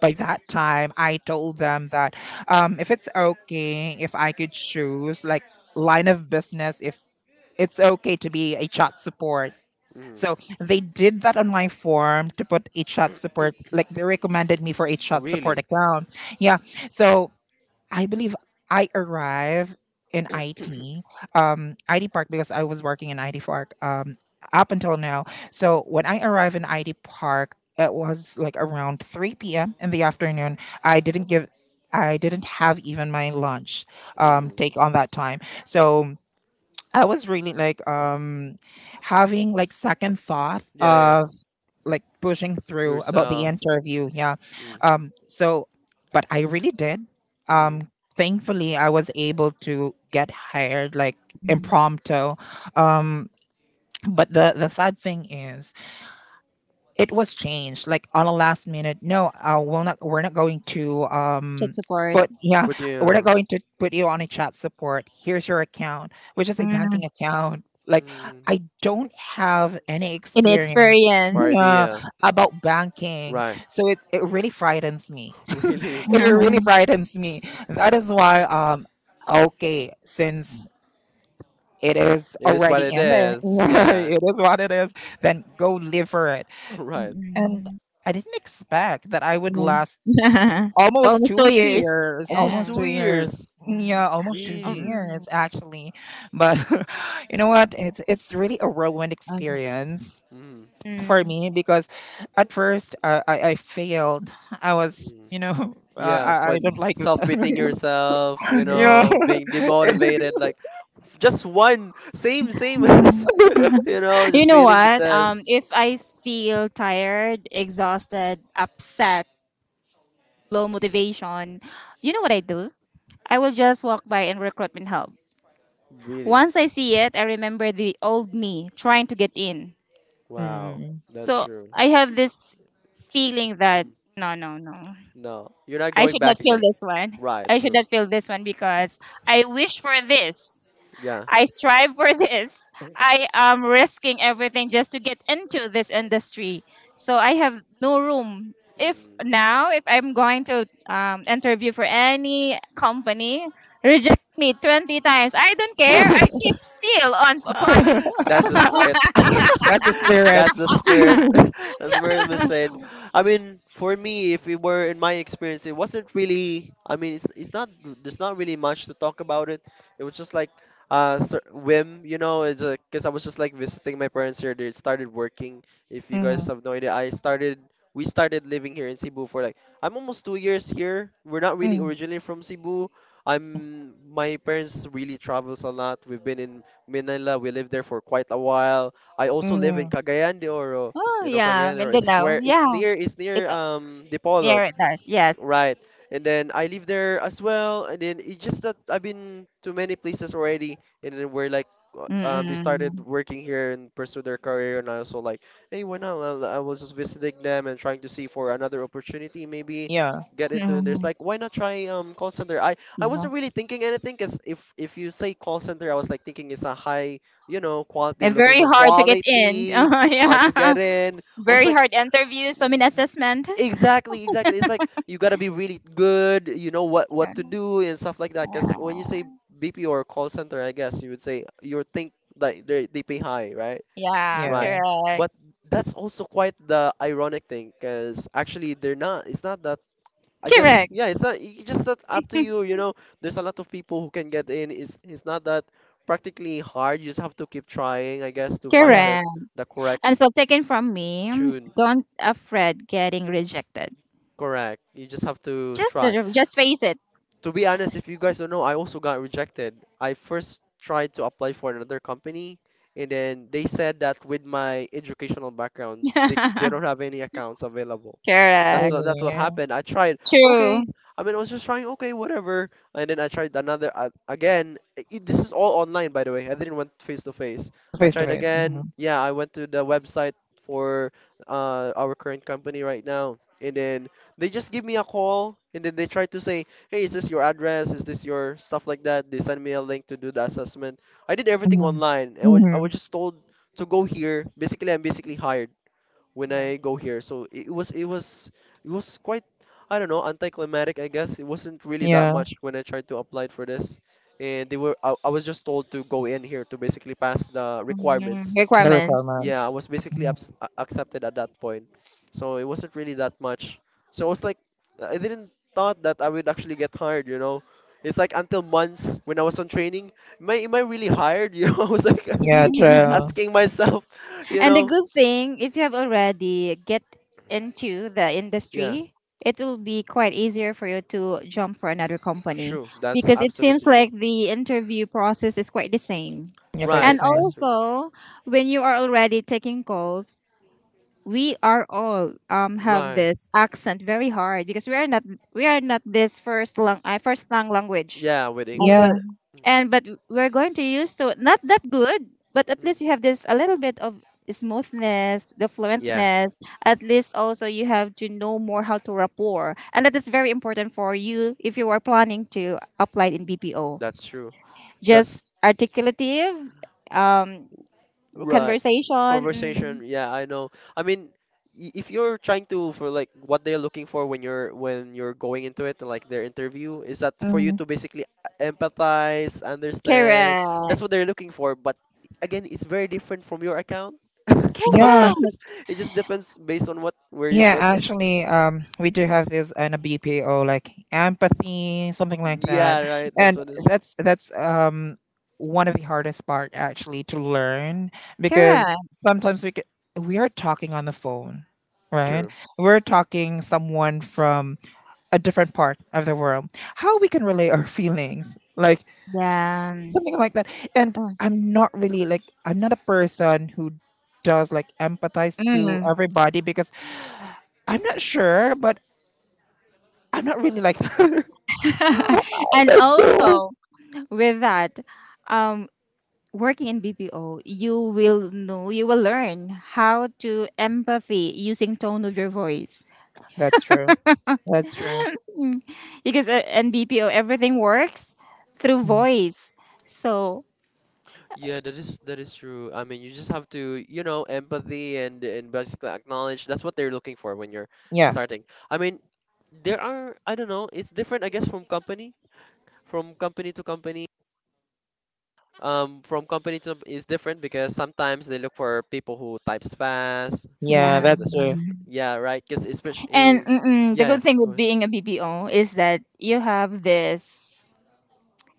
Speaker 2: by that time, I told them that if it's okay, if I could choose like line of business, if it's okay to be a chat support,
Speaker 1: Mm,
Speaker 2: so they did that on my form to put a chat support, like they recommended me for a chat support
Speaker 1: really?
Speaker 2: account. Yeah. So I believe I arrived in IT Park because I was working in IT Park up until now. So when I arrived in IT Park, it was like around 3 p.m. in the afternoon. I didn't give, I didn't have even my lunch
Speaker 1: Mm.
Speaker 2: take on that time. So I was really like having like second thought
Speaker 1: Yeah, yeah.
Speaker 2: of like pushing through about the
Speaker 1: Yourself.
Speaker 2: interview. Yeah.
Speaker 1: Mm,
Speaker 2: Um so but I really did.
Speaker 1: mm,
Speaker 2: Um Thankfully I was able to get hired like
Speaker 1: mm.
Speaker 3: Mm.
Speaker 2: impromptu. Um but the sad thing is it was changed like on a last minute. We're not going to
Speaker 3: Tech support.
Speaker 2: but yeah,
Speaker 1: But
Speaker 2: we're not
Speaker 1: you.
Speaker 2: going to put you on a chat support. Here's your account, which is a banking
Speaker 3: Mm.
Speaker 2: account, like
Speaker 1: Mm,
Speaker 2: I don't have any experience,
Speaker 1: or
Speaker 3: Inexperience.
Speaker 2: yeah,
Speaker 1: idea. Mm,
Speaker 2: about banking,
Speaker 1: right.
Speaker 2: so it really frightens me.
Speaker 1: Really.
Speaker 2: It really frightens me. That is why, okay, since it is
Speaker 1: It is what
Speaker 2: already
Speaker 1: it
Speaker 2: in there,
Speaker 1: is. Yeah.
Speaker 2: it is what it is, then go live for it.
Speaker 1: Right.
Speaker 2: And
Speaker 3: Mm-mm.
Speaker 2: I didn't expect that I would
Speaker 1: Mm.
Speaker 2: last
Speaker 3: Yeah.
Speaker 2: almost
Speaker 3: Almost
Speaker 2: two
Speaker 3: 2 years.
Speaker 2: years,
Speaker 1: Almost
Speaker 2: almost
Speaker 3: Yeah.
Speaker 2: two
Speaker 1: two
Speaker 2: years.
Speaker 1: years.
Speaker 2: Yeah, almost two
Speaker 1: Really.
Speaker 3: Um,
Speaker 2: years actually. But you know what? It's really a whirlwind
Speaker 3: Okay.
Speaker 2: experience
Speaker 1: Mm,
Speaker 2: for
Speaker 3: mm,
Speaker 2: me because at first, I failed. I was,
Speaker 1: mm.
Speaker 2: you know, uh,
Speaker 1: Yeah.
Speaker 2: I I
Speaker 1: Quite
Speaker 2: don't like
Speaker 1: self pitying yourself, you
Speaker 2: yeah.
Speaker 1: know, being demotivated. Like, just one. Same, same. as, you know,
Speaker 3: you
Speaker 1: just
Speaker 3: know
Speaker 1: failing the
Speaker 3: what?
Speaker 1: test.
Speaker 3: If I feel tired, exhausted, upset, low motivation, you know what I do? I will just walk by and recruitment help.
Speaker 1: Really.
Speaker 3: Once I see it, I remember the old me trying to get in.
Speaker 1: Wow.
Speaker 2: Mm.
Speaker 1: That's
Speaker 3: So
Speaker 1: true.
Speaker 3: I have this feeling that
Speaker 1: Mm.
Speaker 3: no, no, no.
Speaker 1: No, you're not
Speaker 3: I
Speaker 1: going
Speaker 3: should not
Speaker 1: back
Speaker 3: feel
Speaker 1: again.
Speaker 3: this one.
Speaker 1: Right,
Speaker 3: I should
Speaker 1: true.
Speaker 3: not feel this one because I wish for this.
Speaker 1: Yeah.
Speaker 3: I strive for this. I am risking everything just to get into this industry. So I have no room. If
Speaker 1: Mm.
Speaker 3: now, if I'm going to interview for any company, reject me 20 times. I don't care. I keep still on apply.
Speaker 1: That's the spirit.
Speaker 2: That's the spirit.
Speaker 1: That's the spirit.
Speaker 3: Uh-uh.
Speaker 1: That's where it was said. I mean, for me, if we were in my experience, it wasn't really. I mean, it's not. There's not really much to talk about it. It was just like whim, you know. It's because I was just like visiting my parents here. They started working. If you guys
Speaker 2: Mm,
Speaker 1: have no idea, I started. We started living here in Cebu for like I'm almost 2 years here. We're not really
Speaker 2: mm,
Speaker 1: originally from Cebu. I'm My parents really travels a lot. We've been in Manila. We lived there for quite a while. I also live in
Speaker 2: mm.
Speaker 1: Cagayan de Oro.
Speaker 3: Oh,
Speaker 1: You know
Speaker 3: yeah.
Speaker 1: Cagayan de Oro. It's
Speaker 3: Mindanao.
Speaker 1: square. It's
Speaker 3: Yeah.
Speaker 1: near. It's
Speaker 3: It's,
Speaker 1: near Dipolog.
Speaker 3: yeah, it does. Yes.
Speaker 1: Right. And then I live there as well. And then it's just that I've been to many places already. And then we're like, uh, they started
Speaker 3: Mm-mm.
Speaker 1: working here and pursue their career. And I also like, hey, why not? Well, I was just visiting them and trying to see for another opportunity, maybe
Speaker 2: Yeah,
Speaker 1: get into. And there's
Speaker 3: Mm-mm.
Speaker 1: like, why not try call center? I wasn't really thinking anything because if you say call center, I was like thinking it's a high, you know, quality,
Speaker 3: Yeah,
Speaker 1: looking
Speaker 3: very
Speaker 1: for
Speaker 3: hard to get in.
Speaker 1: quality, hard to
Speaker 3: Yeah.
Speaker 1: get in. I was
Speaker 3: Very
Speaker 1: like,
Speaker 3: hard interviews, so many assessment.
Speaker 1: exactly, exactly. It's like you gotta be really good. You know what to do and stuff like that. Because when
Speaker 3: Yeah,
Speaker 1: you say BP or call center, I guess you would say you think that they pay high, right?
Speaker 3: yeah,
Speaker 1: Right.
Speaker 2: yeah,
Speaker 3: correct.
Speaker 1: But that's also quite the ironic thing, because actually they're not. It's not that. I guess
Speaker 3: Correct.
Speaker 1: yeah. It's not. It's just that up to you. You know, there's a lot of people who can get in. It's not that practically hard. You just have to keep trying, I guess, to find
Speaker 2: yeah.
Speaker 1: the
Speaker 3: Correct.
Speaker 1: the correct
Speaker 3: And so taken from me,
Speaker 1: tune.
Speaker 3: don't afraid getting rejected.
Speaker 1: Correct. You just have to
Speaker 3: Just
Speaker 1: try.
Speaker 3: just face it.
Speaker 1: To be honest, if you guys don't know, I also got rejected. I first tried to apply for another company, and then they said that with my educational background, they don't have any accounts available. That's
Speaker 3: Correct.
Speaker 1: what that's what
Speaker 2: Really,
Speaker 1: happened. I tried.
Speaker 3: True.
Speaker 1: Okay, I mean, I was just trying. Okay, whatever. And then I tried another again. This is all online, by the way. I didn't went face to face. I
Speaker 2: face to
Speaker 1: tried
Speaker 2: face.
Speaker 1: again.
Speaker 2: Mhm.
Speaker 1: Yeah, I went to the website for our current company right now, and then they just give me a call, and then they try to say, "Hey, is this your address? Is this your stuff like that?" They send me a link to do the assessment. I did everything
Speaker 2: Mhm.
Speaker 1: online, and I was I
Speaker 2: Mhm.
Speaker 1: was just told to go here. Basically, I'm basically hired when
Speaker 2: Yeah.
Speaker 1: I go here. So it was quite I don't know anticlimactic. I guess it wasn't really that
Speaker 2: Yeah,
Speaker 1: much when I tried to apply for this, and I was just told to go in here to basically pass the
Speaker 3: Mm,
Speaker 1: requirements.
Speaker 2: the
Speaker 3: requirements.
Speaker 1: Yeah, I
Speaker 2: requirements.
Speaker 1: was basically
Speaker 2: Mhm.
Speaker 1: accepted at that point, so it wasn't really that much. So I was like, I didn't thought that I would actually get hired. You know, it's like until months when I was on training, am I really hired? You know, I was like
Speaker 2: Yeah,
Speaker 1: asking
Speaker 2: true.
Speaker 1: asking myself, you
Speaker 3: And the
Speaker 1: know,
Speaker 3: good thing, if you have already get into the
Speaker 1: yeah.
Speaker 3: industry, it will be quite easier for you to jump for another company
Speaker 1: True. That's
Speaker 3: because it seems
Speaker 1: absolutely true.
Speaker 3: like the interview process is quite the same.
Speaker 2: You're quite the
Speaker 1: Right.
Speaker 3: And
Speaker 1: That's
Speaker 2: same.
Speaker 1: true.
Speaker 3: also, when you are already taking calls, we are all have
Speaker 1: Right.
Speaker 3: this accent very hard because we are not this first language
Speaker 1: Yeah, with
Speaker 2: Yeah.
Speaker 3: also,
Speaker 1: English.
Speaker 3: and but we're going to use to not that good, but at least you
Speaker 1: Hmm.
Speaker 3: have this a little bit of smoothness the
Speaker 1: Yeah,
Speaker 3: fluentness at least. Also, you have to know more how to rapport, and that is very important for you if you are planning to apply in BPO.
Speaker 1: that's true. That's
Speaker 3: Just articulative um
Speaker 1: right.
Speaker 3: conversation.
Speaker 1: Conversation. Yeah, I know. I mean, if you're trying to for like what they're looking for when you're going into it, like their interview, is that for you
Speaker 2: Mhm.
Speaker 1: to basically empathize, understand. That's
Speaker 3: Correct,
Speaker 1: what they're looking for. But again, it's very different from your account.
Speaker 2: Yeah.
Speaker 3: correct.
Speaker 1: Sometimes it just depends based on what where you
Speaker 2: Yeah,
Speaker 1: put it.
Speaker 2: actually, we do have this in a BPO like empathy, something like
Speaker 1: Yeah,
Speaker 2: that,
Speaker 1: right. That's
Speaker 2: and
Speaker 1: what is
Speaker 2: that's one of the hardest part actually to learn because
Speaker 3: Correct.
Speaker 2: sometimes we are talking on the phone, right?
Speaker 1: true.
Speaker 2: We're talking someone from a different part of the world. How we can relay our feelings, like
Speaker 3: Yeah.
Speaker 2: something like that. And
Speaker 3: Mm.
Speaker 2: I'm not really like, I'm not a person who does like empathize to
Speaker 3: Mm.
Speaker 2: everybody because I'm not sure, but I'm not really like I
Speaker 3: And
Speaker 2: don't know.
Speaker 3: also with that, um, working in BPO, you will know, you will learn how to empathy using tone of your voice
Speaker 2: That's true. That's true.
Speaker 3: because in BPO everything works through
Speaker 2: Mm.
Speaker 3: voice. So
Speaker 1: Yeah, that is true. I mean, you just have to, you know, empathy and basically acknowledge that's what they're looking for when you're
Speaker 2: Yeah.
Speaker 1: starting. I mean, there are I don't know, it's different I guess from company to company. From company to is different because sometimes they look for people who types fast, from
Speaker 2: Yeah,
Speaker 3: yeah,
Speaker 1: people who
Speaker 2: that's
Speaker 1: doesn't.
Speaker 2: true.
Speaker 1: Yeah, right. Because
Speaker 3: and
Speaker 1: especially,
Speaker 3: mm-mm, the
Speaker 1: yeah, yeah.
Speaker 3: good thing
Speaker 1: Go
Speaker 3: with
Speaker 1: ahead.
Speaker 3: being a BPO is that you have this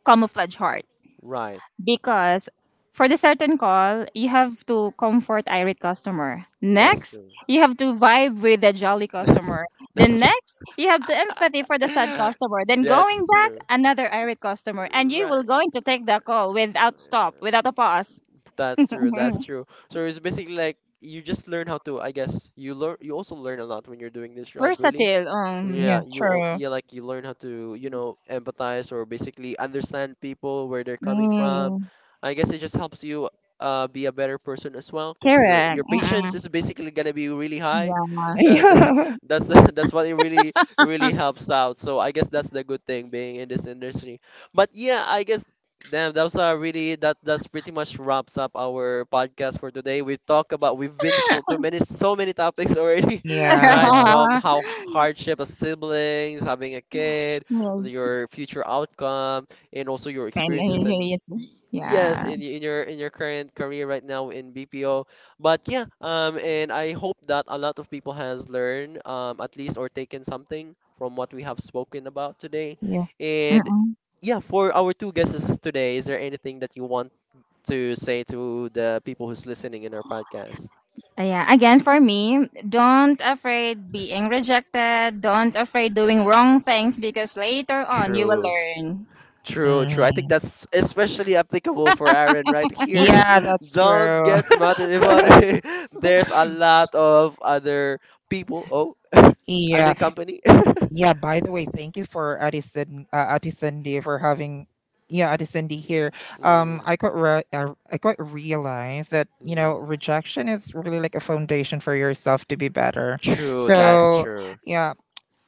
Speaker 3: camouflage heart
Speaker 1: Right.
Speaker 3: because for the certain call, you have to comfort irate customer.
Speaker 1: That's
Speaker 3: Next,
Speaker 1: true.
Speaker 3: you have to vibe with the jolly
Speaker 1: That's
Speaker 3: customer.
Speaker 1: that's
Speaker 3: Then
Speaker 1: true.
Speaker 3: next, you have to empathy for the sad customer. Then going
Speaker 1: That's
Speaker 3: back,
Speaker 1: true.
Speaker 3: another irate customer, and you will
Speaker 1: Right.
Speaker 3: going to take the call without stop, without a pause.
Speaker 1: That's true. That's true. So it's basically like you just learn how to, I guess, you also learn a lot when you're doing this job, really.
Speaker 3: Versatile.
Speaker 2: Yeah,
Speaker 1: Yeah,
Speaker 2: true.
Speaker 1: yeah, like you learn how to, you know, empathize or basically understand people where they're coming from.
Speaker 3: Mm,
Speaker 1: I guess it just helps you be a better person as well because your
Speaker 3: correct.
Speaker 1: your
Speaker 3: Mm-mm.
Speaker 1: patience is basically gonna be really high.
Speaker 3: Yeah.
Speaker 1: That
Speaker 2: Yeah.
Speaker 1: that's that's what it really really helps out. So I guess that's the good thing being in this industry. But yeah, I guess damn that was really that's pretty much wraps up our podcast for today. We talk about we've been so too many so many topics already,
Speaker 2: Yeah.
Speaker 1: right? From how hardship as siblings, having a kid,
Speaker 3: Yes.
Speaker 1: your future outcome, and also your
Speaker 3: And,
Speaker 1: experiences and
Speaker 3: yes.
Speaker 1: yes,
Speaker 3: Yeah.
Speaker 1: in in your current career right now in BPO. But yeah, and I hope that a lot of people has learned, at least or taken something from what we have spoken about today.
Speaker 2: Yeah.
Speaker 1: And
Speaker 3: Mm-mm.
Speaker 1: yeah, for our two guests today, is there anything that you want to say to the people who's listening in our podcast?
Speaker 3: Yeah, again for me, don't afraid being rejected. Don't afraid doing wrong things because later on you will
Speaker 1: True.
Speaker 3: learn.
Speaker 1: True, true. I think
Speaker 2: Mhm.
Speaker 1: that's especially applicable for Aaron right here.
Speaker 2: Yeah, that's
Speaker 1: Don't
Speaker 2: true.
Speaker 1: get mad at anybody. There's a lot of other people. Oh, I'm
Speaker 2: yeah.
Speaker 1: in company.
Speaker 2: Yeah, by the way, thank you for Addison Day for having, yeah, Addison D here.
Speaker 1: Mm,
Speaker 2: Um, I quite re- I, I quite realize that you know
Speaker 1: mm.
Speaker 2: rejection is really like a foundation for yourself to be better.
Speaker 1: True, that's
Speaker 2: So
Speaker 1: true.
Speaker 2: yeah,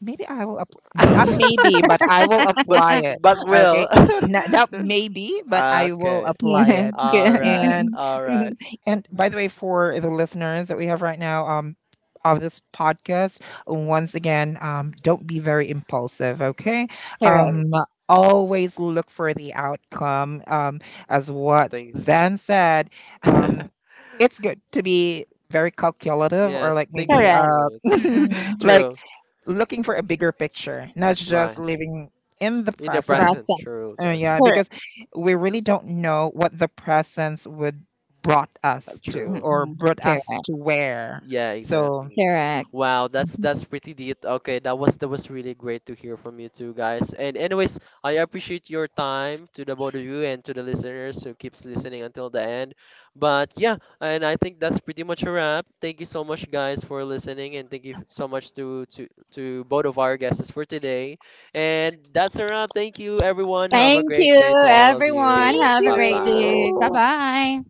Speaker 2: Maybe I will app- not maybe, but I will
Speaker 1: But
Speaker 2: apply it.
Speaker 1: but
Speaker 2: Okay.
Speaker 1: will.
Speaker 2: Not, not maybe, but I will
Speaker 1: Okay.
Speaker 2: apply
Speaker 3: Yeah,
Speaker 2: it.
Speaker 1: All
Speaker 3: good.
Speaker 1: right.
Speaker 2: And
Speaker 1: All
Speaker 2: mhm.
Speaker 1: right.
Speaker 2: And by the way, for the listeners that we have right now, of this podcast, once again, don't be very impulsive. Okay.
Speaker 3: Correct,
Speaker 2: Um,
Speaker 1: True.
Speaker 2: always look for the outcome. As what
Speaker 1: Things.
Speaker 2: Zan said, um, it's good to be very calculative
Speaker 1: Yeah,
Speaker 2: or like
Speaker 1: things
Speaker 2: maybe
Speaker 1: ain't
Speaker 3: correct.
Speaker 1: true. Things ain't
Speaker 3: Mm-mm.
Speaker 1: true.
Speaker 2: like
Speaker 1: True.
Speaker 2: looking for a bigger picture, not just
Speaker 1: Right.
Speaker 2: living in the
Speaker 1: In the
Speaker 2: present.
Speaker 1: present.
Speaker 3: Brasa.
Speaker 1: True. That's
Speaker 2: Yeah,
Speaker 1: true.
Speaker 3: Correct.
Speaker 2: because we really don't know what the presence would
Speaker 1: True.
Speaker 3: Mm-mm.
Speaker 2: brought
Speaker 3: Correct,
Speaker 2: us to where.
Speaker 1: Yeah,
Speaker 2: So
Speaker 1: exactly.
Speaker 3: correct.
Speaker 1: Wow, that's pretty deep. Okay, that was really great to hear from you two guys. And anyways, I appreciate your time to the both of you and to the listeners who keeps listening until the end. But yeah, and I think that's pretty much a wrap. Thank you so much guys for listening and thank you so much to both of our guests for today. And that's a wrap. Thank you everyone. Have a
Speaker 3: Thank
Speaker 1: great day
Speaker 3: you,
Speaker 1: to all of
Speaker 3: everyone.
Speaker 1: you.
Speaker 2: thank
Speaker 3: Have a
Speaker 1: Bye
Speaker 3: great
Speaker 1: bye.
Speaker 3: day. Bye
Speaker 2: you.
Speaker 3: bye.